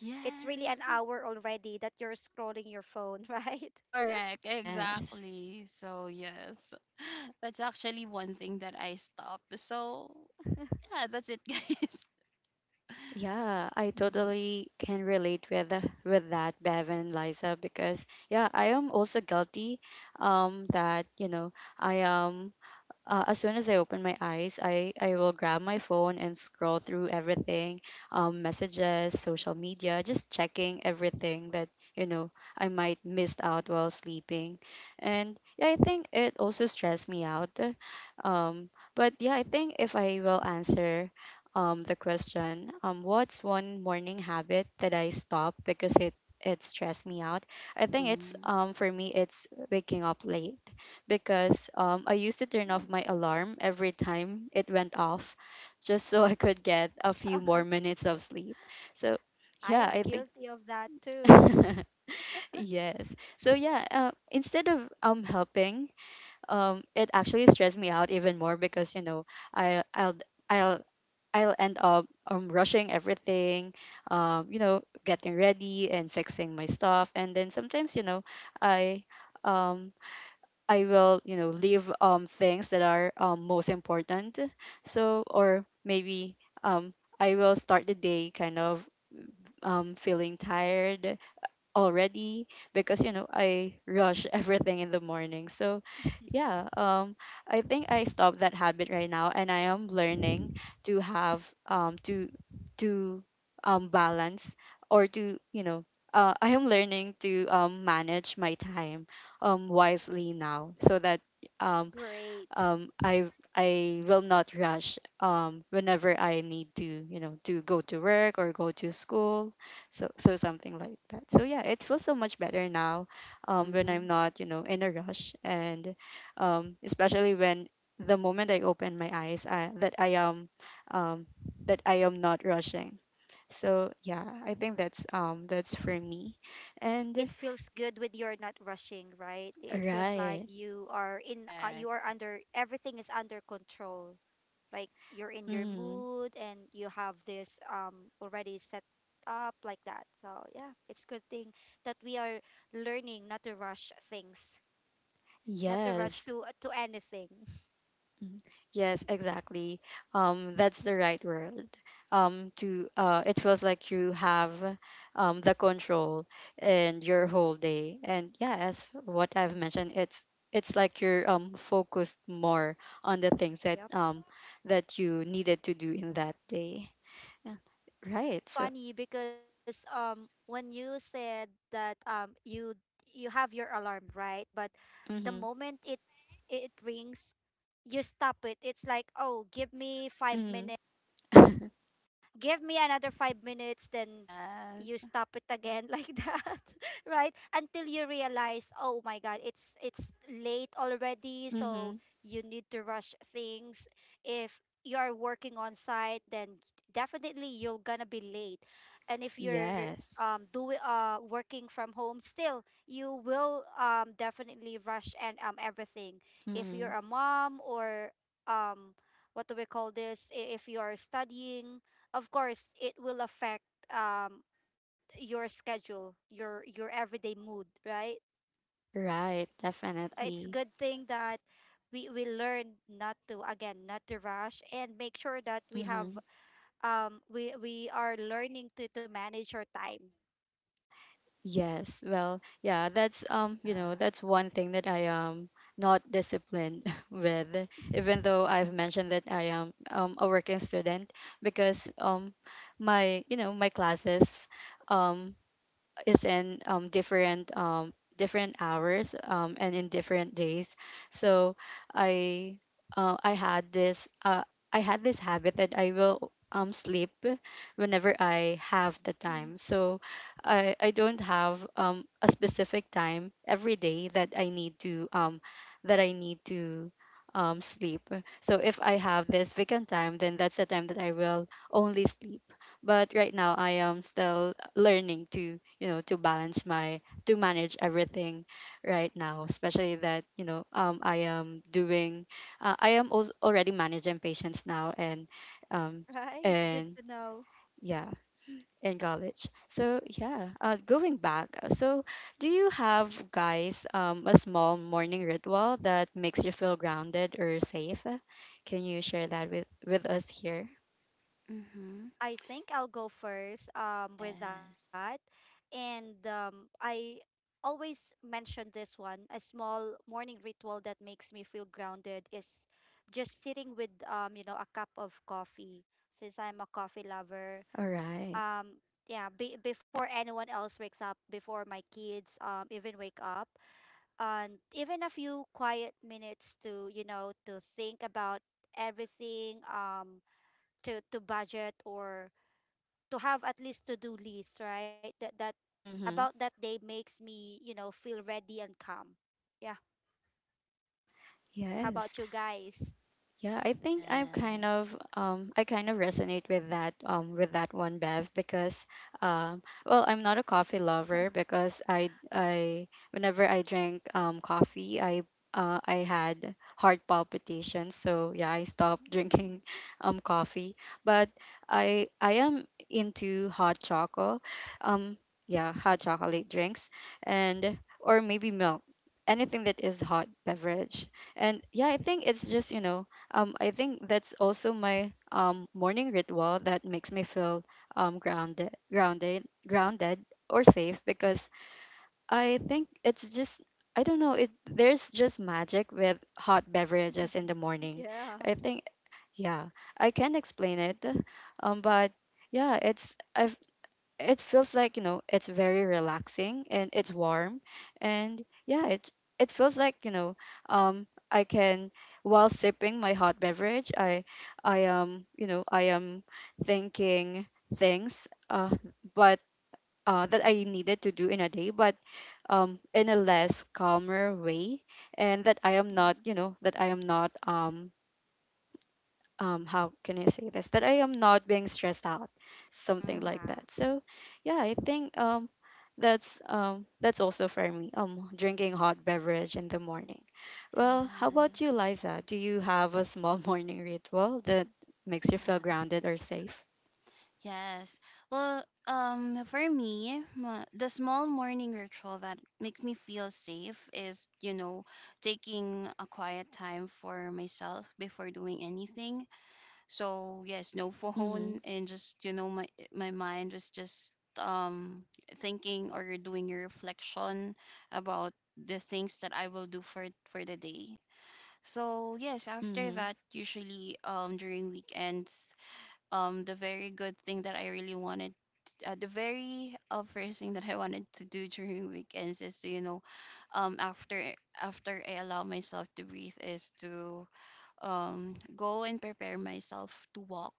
Speaker 2: it's really an
Speaker 3: Yes,
Speaker 2: hour already that you're scrolling your phone, *laughs* right?
Speaker 3: correct,
Speaker 1: Yes.
Speaker 3: exactly. So, yes, *laughs* that's actually one thing that I stopped. So,
Speaker 2: Mm.
Speaker 3: yeah, that's it, *laughs* guys.
Speaker 1: Yeah, I
Speaker 3: Mhm.
Speaker 1: totally can relate with the with that, Bev and Liza, because yeah, I am also guilty that, you know, I am as soon as I open my eyes, I will grab my phone and scroll through everything, messages, social media, just checking everything that, you know, I might missed out while sleeping. And yeah, I think it also stressed me out. But yeah, I think if I will answer, the question, what's one morning habit that I stopped because it stressed me out? I think it's,
Speaker 3: Mhm.
Speaker 1: for me, it's waking up late, because, I used to turn off my alarm every time it went off just so *laughs* I could get a few more minutes of sleep. So,
Speaker 2: *laughs* I am
Speaker 1: yeah, I
Speaker 2: guilty
Speaker 1: think.
Speaker 2: of that too.
Speaker 1: *laughs* Yes. So yeah, instead of helping, it actually stressed me out even more because, you know, I I'll I'll end up rushing everything, you know, getting ready and fixing my stuff. And then sometimes, you know, I um I will, you know, leave things that are, most important. So, or maybe um I will start the day kind of feeling tired already, because, you know, I rush *laughs* everything in the morning. So yeah, I think I stopped that habit right now, and I am learning to have to balance, or to, you know, I am learning to, manage my time, wisely now, so that, um,
Speaker 2: Great.
Speaker 1: um i I will not rush, whenever I need to, you know, to go to work or go to school. So, so something like that. So yeah, it feels so much better now, when I'm
Speaker 3: Mhm.
Speaker 1: not, you know, in a rush. And, especially when the moment I open my eyes, that I am um that I am not rushing. So yeah, I think that's, that's for me.
Speaker 2: It
Speaker 1: And
Speaker 2: feels good with you're not rushing, right? It feels like
Speaker 1: right.
Speaker 2: you
Speaker 3: Correct,
Speaker 2: are under everything is under control. Like you're in your
Speaker 1: Mm.
Speaker 2: mood and you have this already set up like that. So yeah, it's good thing that we are learning not to rush things, not to rush
Speaker 1: Yes.
Speaker 2: to anything. *laughs*
Speaker 1: Mm. Yes, exactly. That's the right word. To It feels like you have, the control and your whole day. And yeah, as what I've mentioned, it's like you're, focused more on the things that,
Speaker 2: Yep.
Speaker 1: that you needed to do in that day. Yeah. Right. So.
Speaker 2: Funny because when you said that you have your alarm, right? But the
Speaker 1: Mhm.
Speaker 2: moment it rings, you stop it. It's like, "Oh, give me 5
Speaker 1: Mhm.
Speaker 2: minutes." Give me another 5 minutes, then you
Speaker 3: yes.
Speaker 2: stop it again *laughs* like that, right? Until you realize, oh my God, it's late already, so
Speaker 1: Mhm.
Speaker 2: you need to rush things. If you are working on site, then definitely you're gonna be late. And if you're
Speaker 1: Yes.
Speaker 2: doing working from home, still you will definitely rush and everything if
Speaker 1: Mhm.
Speaker 2: you're a mom or um what do we call this I- if you are studying, of course it will affect your schedule, your everyday mood, right?
Speaker 1: Right.
Speaker 2: It's a
Speaker 1: Definitely.
Speaker 2: good thing that we learn not to, again, not to rush and make sure that we have
Speaker 1: Mhm.
Speaker 2: we are learning to manage our time.
Speaker 1: Yes, well, yeah, that's, you
Speaker 3: Yeah.
Speaker 1: know, that's one thing that I am not disciplined *laughs* with, even though I've mentioned that I am, a working student, because, my, you know, my classes um is in, different hours, and in different days. So I I had this, I had this habit that I will, sleep whenever I have the
Speaker 2: Mm.
Speaker 1: time. So I don't have, a specific time every day that I need to, that I need to sleep. So if I have this vacant time, then that's the time that I will only sleep. But right now I am still learning to, you know, to balance my to manage everything right now, especially that, you know, I am doing, I am also already managing patients now, and um
Speaker 2: *laughs* Right, good to
Speaker 1: and
Speaker 2: know.
Speaker 1: yeah, in college. So yeah, going back, so do you have, guys, a small morning ritual that makes you feel grounded or safe? Can you share that with us here?
Speaker 3: Mhm.
Speaker 2: I think I'll go first with that.
Speaker 3: Yes,
Speaker 2: And I always mention this one. A small morning ritual that makes me feel grounded is just sitting with, you know, a cup of coffee, since I'm a coffee lover.
Speaker 1: All right.
Speaker 2: Um yeah, before anyone else wakes up, before my kids even wake up, and even a few quiet minutes to, you know, to think about everything, to budget or to have at least to do list, right? That that About
Speaker 1: Mm-hmm.
Speaker 2: that day makes me, you know, feel ready and calm. Yeah. How
Speaker 1: Yes.
Speaker 2: about you guys?
Speaker 1: Yeah, I think I'm kind
Speaker 3: yes.
Speaker 1: of I kind of resonate with that, with that one, Bev, because well, I'm not a coffee lover, because I, whenever I drink coffee, I had heart palpitations. So yeah, I stopped *laughs* drinking
Speaker 2: Mm.
Speaker 1: coffee, but I am into hot chocolate, um yeah, hot chocolate drinks, and or maybe milk, anything that is hot beverage. And yeah, I think it's just, you know, I think that's also my, morning ritual that makes me feel, grounded or safe, because I think it's just, I don't know it. There's just magic with hot beverages in the
Speaker 2: *laughs*
Speaker 1: morning.
Speaker 2: Yeah.
Speaker 1: I think yeah, I can not explain it, but yeah, it's I it feels like it's very relaxing and it's warm. And yeah, it feels like I can, while sipping my hot beverage, I am, I am thinking things but that I needed to do in a day, but in a less calmer way, and that I am not,
Speaker 2: Hmm.
Speaker 1: you know, that I am not how can I say this, that I am not being stressed out, something
Speaker 3: Mhm.
Speaker 1: like
Speaker 2: Yeah.
Speaker 1: that. So yeah, I think that's also for me drinking hot beverage in the morning. Well, how about
Speaker 3: Yes.
Speaker 1: you, Liza, do you have a small *laughs* morning ritual that makes you feel
Speaker 3: Yeah.
Speaker 1: grounded or safe?
Speaker 3: Yes. Well, for me, the small morning ritual that makes me feel safe is, you know, taking a quiet time for myself before doing anything. So yes, no *laughs* phone,
Speaker 1: Mhm.
Speaker 3: and just, you know, my mind was just um thinking or doing a reflection about the things that I will do for the day. So yes, after
Speaker 1: Mhm.
Speaker 3: that, usually during weekends, the very good thing that I really wanted, the very first thing that I wanted to do during weekends is to, you know, after I allow myself to breathe is to go and prepare myself to walk,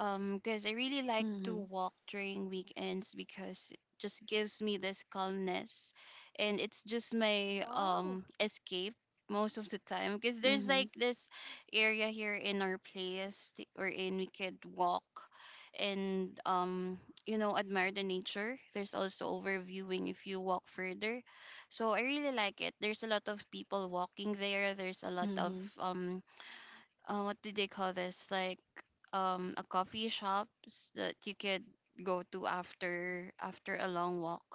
Speaker 3: because I really like to
Speaker 1: Mhm.
Speaker 3: walk during weekends because it just gives me this calmness, and it's just my
Speaker 2: Wow.
Speaker 3: escape most of the time. Because there's like
Speaker 1: Mhm.
Speaker 3: this area here in our place wherein we could walk, and you know, admire the nature. There's also overviewing if you walk further, so I really like it. There's a lot of people walking there. There's a lot of
Speaker 1: Mhm.
Speaker 3: what did they call this? Like a coffee shops that you could go to after a long walk.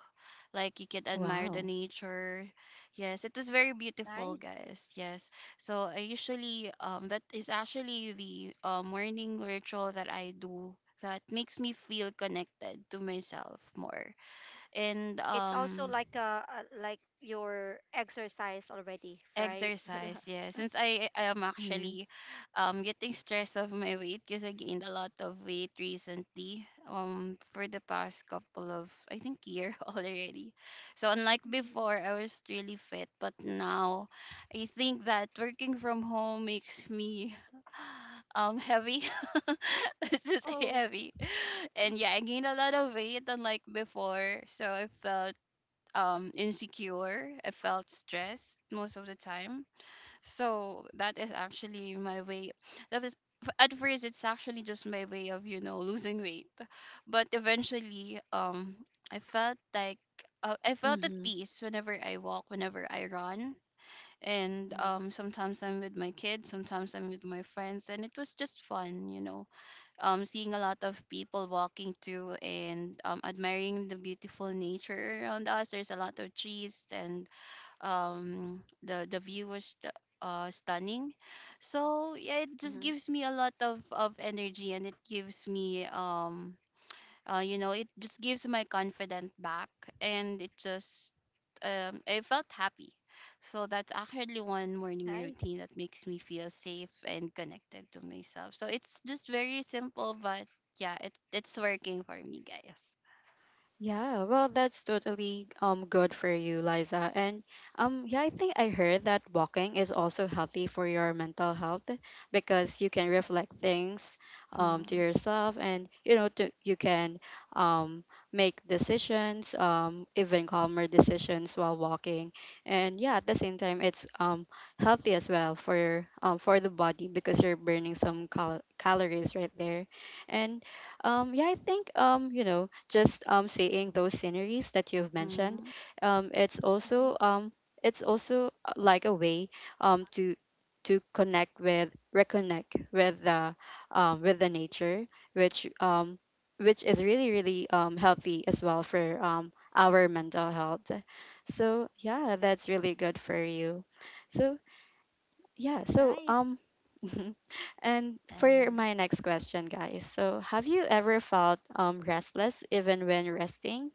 Speaker 3: Like you could admire the
Speaker 1: Wow.
Speaker 3: nature. Yes, it was very beautiful,
Speaker 2: Nice.
Speaker 3: guys. Yes. So I usually, that is actually the morning ritual that I do that makes me feel connected to myself more. And
Speaker 2: It's also like a like your exercise already, right?
Speaker 3: Exercise, yeah. Since I am
Speaker 1: Mhm.
Speaker 3: actually getting stressed of my weight because I gained a lot of weight recently. For the past couple of, I think, year *laughs* already. So unlike
Speaker 2: Mm.
Speaker 3: before, I was really fit, but now I think that working from home makes me *sighs* heavy. *laughs* Let's just say
Speaker 2: Oh,
Speaker 3: heavy. And yeah, I gained a lot of weight unlike before. So I felt insecure. I felt stressed most of the time. So that is actually my way. That is, at first, it's actually just my way of, you know, losing weight, but eventually, I felt like, I felt at
Speaker 1: Mhm.
Speaker 3: peace whenever I walk, whenever I run, and
Speaker 1: Mhm.
Speaker 3: sometimes I'm with my kids, sometimes I'm with my friends, and it was just fun, you know, seeing a lot of people walking too and admiring the beautiful nature around us. There's a lot of trees, and the view was stunning. So yeah, it just
Speaker 1: Mhm.
Speaker 3: gives me a lot of energy, and it gives me you know, it just gives my confidence back, and it just I felt happy. So that's actually one
Speaker 2: nice.
Speaker 3: morning routine that makes me feel safe and connected to myself. So it's just very simple, but yeah, it, it's working for me, guys.
Speaker 1: Yeah, well, that's totally good for you, Liza. And yeah, I think I heard that walking is also healthy for your mental health because you can reflect things
Speaker 3: *laughs*
Speaker 1: to
Speaker 3: Mm-hmm.
Speaker 1: yourself, and you know, to you can um make decisions, even calmer decisions while walking. And yeah, at the same time it's healthy as well for the body because you're burning some calories right there. And yeah, I think you know, just seeing those sceneries that you've mentioned,
Speaker 3: Mm-hmm.
Speaker 1: um, it's
Speaker 2: Hmm.
Speaker 1: also um, it's also like a way um to to connect with, reconnect with the nature, which um, which is really really healthy as well for our mental health. So yeah, that's really good for you. So yeah, so
Speaker 2: Nice.
Speaker 1: *laughs* and for
Speaker 3: Yes.
Speaker 1: my next question, guys. So, have you ever felt restless even when resting?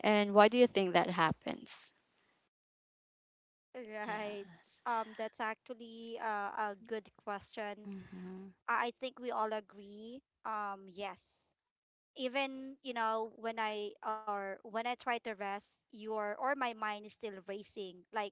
Speaker 1: And why do you think that happens?
Speaker 2: Right.
Speaker 3: Yes.
Speaker 2: That's actually a good question.
Speaker 3: Mm-hmm.
Speaker 2: I think we all agree. Yes. Even you know when I or when I try to rest, your or my mind is still racing, like,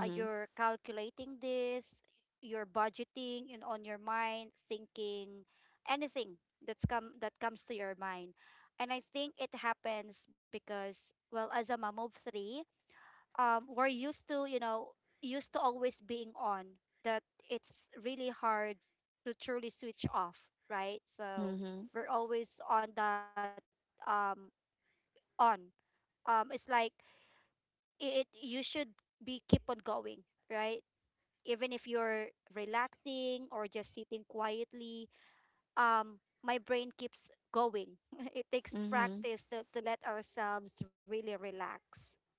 Speaker 2: you're calculating this, you're budgeting and on your mind thinking anything that comes to your mind. And I think it happens because, well, as a mom of 3, we're used to, you know, used to always being on that. It's really hard to truly switch off, right? So
Speaker 1: Mhm.
Speaker 2: we're always on that, um on it's like, it you should be keep on going, right, even if you're relaxing or just sitting quietly. um my brain keeps going. *laughs* It takes
Speaker 1: Mhm.
Speaker 2: practice to, let ourselves really relax.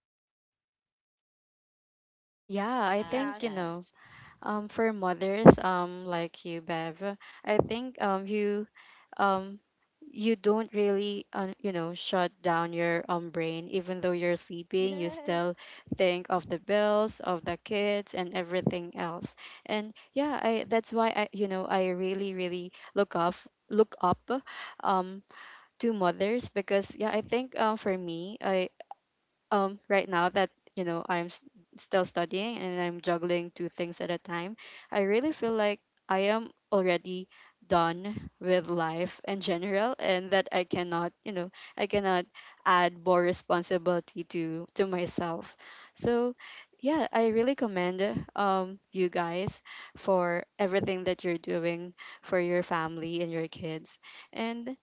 Speaker 1: Yeah, I
Speaker 3: Yes,
Speaker 1: think, you
Speaker 2: Yes.
Speaker 1: know,
Speaker 3: yes.
Speaker 1: For mothers, like you, Bev, I think um, you don't really, you know, shut down your brain. Even though you're sleeping, you still
Speaker 2: *laughs*
Speaker 1: think of the bills, of the kids, and everything else. And yeah, I that's why I, you know, I really, really look off, look up, um, to mothers. Because yeah, I think for me, I right now that, you know, still studying and I'm juggling two things at a time, I really feel like I am already done with life in general, and that I cannot, you know, I cannot add more responsibility to myself. So yeah, I really commend you guys for everything that you're doing for your family and your kids. And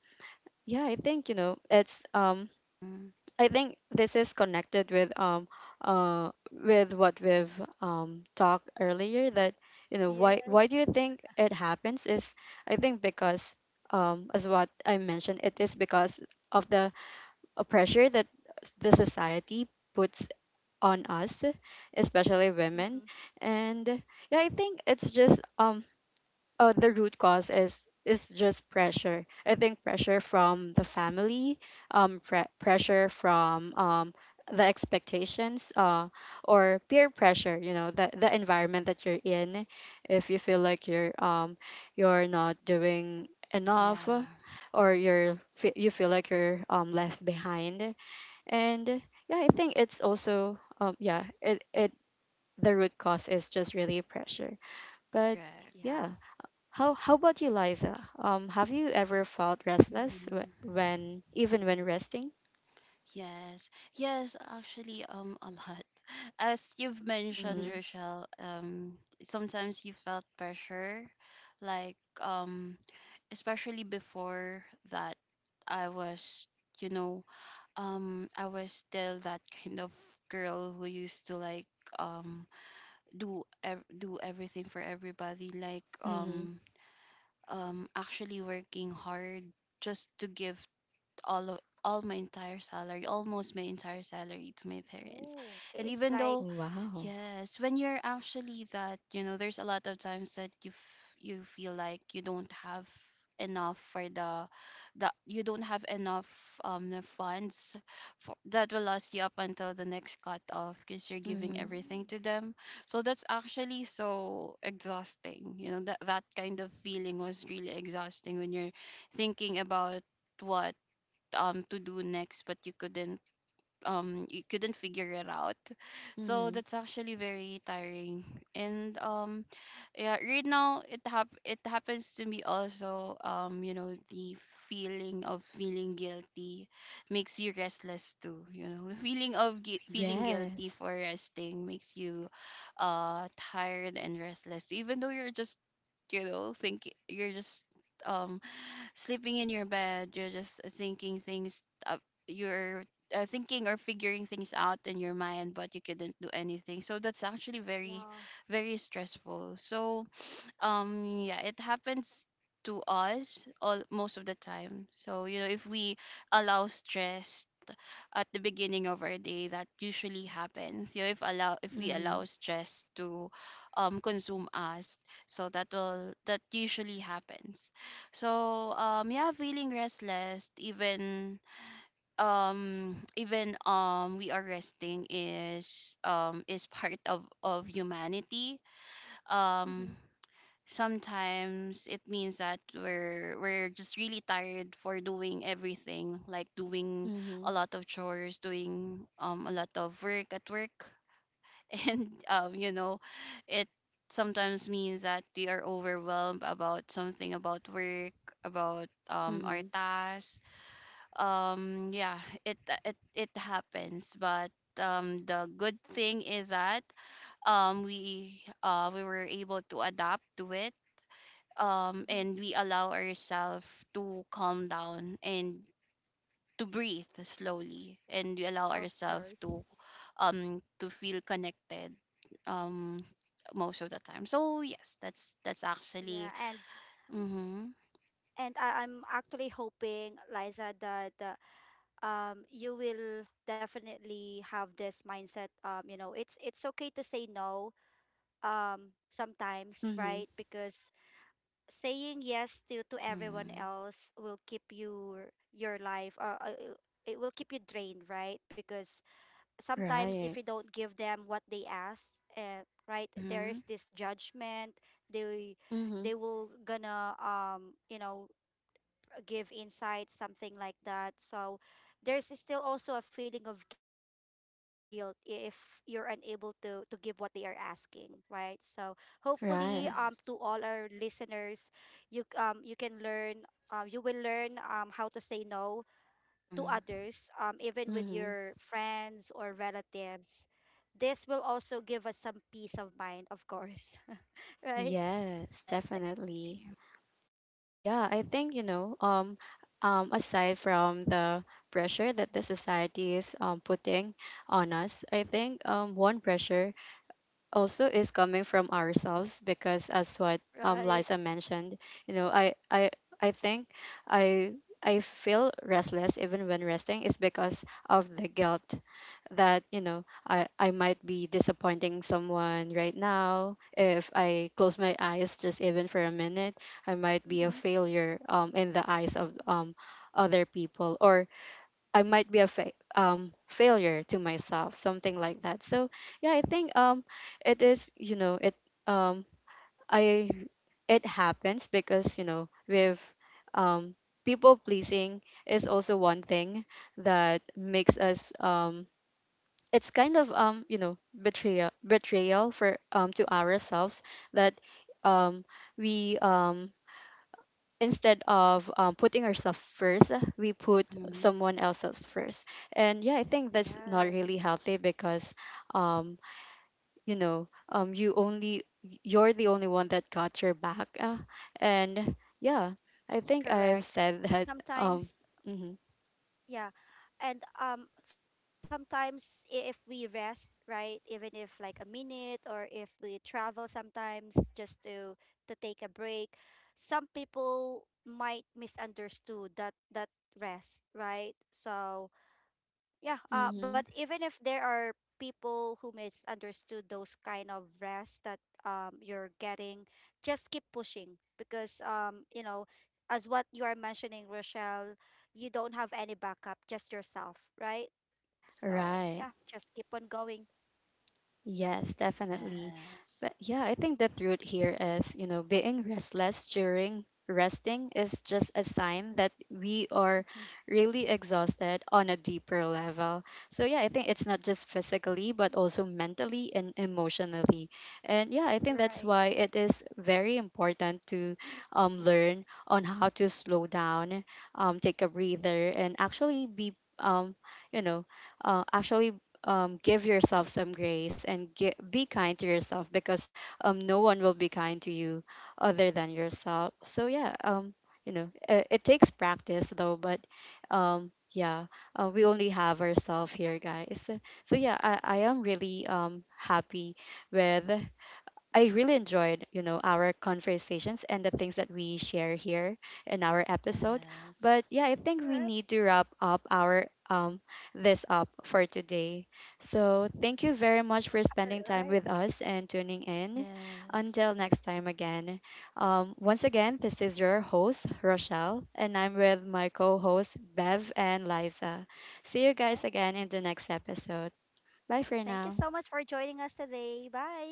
Speaker 1: yeah, I think, you know, it's
Speaker 3: Hmm.
Speaker 1: I think this is connected with what we've talked earlier. That, you know,
Speaker 2: Yeah.
Speaker 1: why do
Speaker 2: Yeah.
Speaker 1: you think it happens is, I think because as what I mentioned, it is because of the pressure that the society puts on us, especially women.
Speaker 2: Mhm.
Speaker 1: And yeah, I think it's just the root cause is just pressure. I think pressure from the family, pressure from, the expectations, or peer pressure. You know, the environment that you're in. If you feel like you're not doing enough,
Speaker 3: Yeah,
Speaker 1: or you're you feel like you're left behind. And yeah, I think it's also yeah, it the root cause is just really pressure. But
Speaker 3: correct.
Speaker 1: yeah,
Speaker 2: Yeah.
Speaker 1: how about you, Liza? Have you ever felt restless
Speaker 3: Hmm.
Speaker 1: when even when resting?
Speaker 3: Yes, yes, actually, a lot. *laughs* As you've mentioned,
Speaker 1: Mm-hmm.
Speaker 3: Rochelle, sometimes you felt pressure, like, especially before that I was, you know, I was still that kind of girl who used to like, um, do ev- do everything for everybody, like,
Speaker 1: Mm-hmm.
Speaker 3: actually working hard just to give all o- all my entire salary, almost my entire salary to my parents.
Speaker 2: Oh, I- it's
Speaker 3: And
Speaker 2: like
Speaker 3: even though
Speaker 1: Wow.
Speaker 3: yes, when you're actually that, you know, there's a lot of times that you you feel like you don't have enough for the you don't have enough the funds for, that will last you up until the next cut off because you're giving
Speaker 1: Mm-hmm.
Speaker 3: everything to them. So that's actually so exhausting, you know, that that kind of feeling was really exhausting when you're thinking about what to do next, but you couldn't figure it out. So
Speaker 1: Mm-hmm.
Speaker 3: that's actually very tiring. And yeah, right now it it happens to me also, you know, the feeling of feeling guilty makes you restless too, you know. *laughs* The feeling of feeling guilty
Speaker 1: Yes.
Speaker 3: for resting makes you tired and restless, even though you're just, you know, thinking, you're just um sleeping in your bed, you're just thinking things, you're thinking or figuring things out in your mind, but you couldn't do anything. So that's actually very
Speaker 2: yeah.
Speaker 3: very stressful. So yeah, it happens to us all most of the time. So you know, if we allow stress at the beginning of our day, that usually happens. You know, if allow if we
Speaker 1: Mm-hmm.
Speaker 3: allow stress to consume us, so that will that usually happens. So yeah, feeling restless even even we are resting is part of humanity. um
Speaker 2: Mhm.
Speaker 3: Sometimes it means that we're just really tired for doing everything, like doing a
Speaker 1: Mm-hmm.
Speaker 3: lot of chores, doing a lot of work at work, *laughs* and you know, it sometimes means that we are overwhelmed about something, about work, about our
Speaker 1: Mm-hmm.
Speaker 3: tasks. Yeah, it it happens, but the good thing is that we were able to adapt to it,
Speaker 2: Mhm.
Speaker 3: and we allow ourselves to calm down and to breathe slowly, and we allow
Speaker 2: Of
Speaker 3: ourselves
Speaker 2: course.
Speaker 3: to feel connected, um, most of the time. So yes, that's
Speaker 2: Yeah,
Speaker 3: actually.
Speaker 2: and
Speaker 3: Mm-hmm.
Speaker 2: I, I'm actually hoping, Liza, that you will definitely have this mindset. You know, it's okay to say no. Sometimes,
Speaker 1: Mm-hmm.
Speaker 2: right? Because saying yes to everyone
Speaker 3: Mm-hmm.
Speaker 2: else will keep your life. It will keep you drained, right? Because sometimes if you
Speaker 1: Right.
Speaker 2: don't give them what they ask, uh, right, there
Speaker 3: Mm-hmm.
Speaker 2: is this judgment. They
Speaker 1: Mm-hmm.
Speaker 2: will gonna you know give insight, something like that. So there's still also a feeling of guilt if you're unable to give what they are asking, right? So hopefully to
Speaker 1: Right.
Speaker 2: all
Speaker 3: Yes.
Speaker 2: our listeners, you you can learn, you will learn how to say no to
Speaker 3: Mm-hmm.
Speaker 2: others, even with
Speaker 1: Mm-hmm.
Speaker 2: your friends or relatives, this will also give us some peace of mind, of course. *laughs* Right?
Speaker 1: Yes,
Speaker 3: Yes. I
Speaker 1: definitely.
Speaker 3: agree.
Speaker 1: Yeah, I think, you know, aside from the pressure that the society is putting on us, I think one pressure also is coming from ourselves. Because as what Liza
Speaker 2: Right.
Speaker 1: mentioned, you know, I I think I I feel restless even when resting is because of the guilt. That, you know, I might be disappointing someone right now if I close my eyes just even for a minute, I might be a
Speaker 2: Mm-hmm.
Speaker 1: failure in the eyes of, other people, or I might be a failure to myself, something like that. So yeah, I think it is, you know, it um, I it happens because, you know, with um, people pleasing is also one thing that makes us it's kind of, you know, betrayal for, to ourselves. That um, we instead of putting ourselves first, we put
Speaker 3: Mhm.
Speaker 1: someone else's first. And yeah, I think that's not really
Speaker 2: Yes.
Speaker 1: healthy because, um, you know, you only, you're the only one that got your back. And yeah, I think I've said that.
Speaker 2: Correct.
Speaker 1: um,
Speaker 2: Sometimes,
Speaker 1: mhm,
Speaker 2: yeah. And sometimes, if we rest, right, even if like a minute or if we travel sometimes just to take a break, some people might misunderstood that rest, right? So yeah, but
Speaker 1: mhm,
Speaker 2: even if there are people who misunderstood those kind of rest that, you're getting, just keep pushing because, you know, as what you are mentioning, Rochelle, you don't have any backup, just yourself, right? So yeah,
Speaker 1: right.
Speaker 2: just keep on going.
Speaker 1: Yes, definitely.
Speaker 3: Yes.
Speaker 1: But yeah, I think the truth here is, you know, being restless during resting is just a sign that we are
Speaker 2: Mhm.
Speaker 1: really exhausted on a deeper level. So yeah, I think it's not
Speaker 2: Yes.
Speaker 1: just physically, but also mentally and emotionally. And yeah, I think that's
Speaker 2: Right.
Speaker 1: why it is very important to learn on how to slow down, take a breather, and actually be um, you know, actually give yourself some grace and be kind to yourself. Because no one will be kind to you other than yourself. So yeah, you know, it takes practice though, but yeah, we only have ourselves here, guys. So yeah, I am really happy with, I really enjoyed, you know, our conversations and the things that we share here in our episode.
Speaker 3: Yes.
Speaker 1: But yeah, I
Speaker 2: All
Speaker 1: think
Speaker 2: right.
Speaker 1: we need to wrap up our this up for today. So thank you very much for
Speaker 2: All
Speaker 1: spending
Speaker 2: right.
Speaker 1: time with us and tuning in.
Speaker 3: Yes.
Speaker 1: Until next time again. Once again, this is your host Rochelle, and I'm with my co-hosts Bev and Liza. See you
Speaker 2: All right.
Speaker 1: guys again in the next episode. Bye for
Speaker 2: Thank you so
Speaker 1: now.
Speaker 2: much for joining us today. Bye.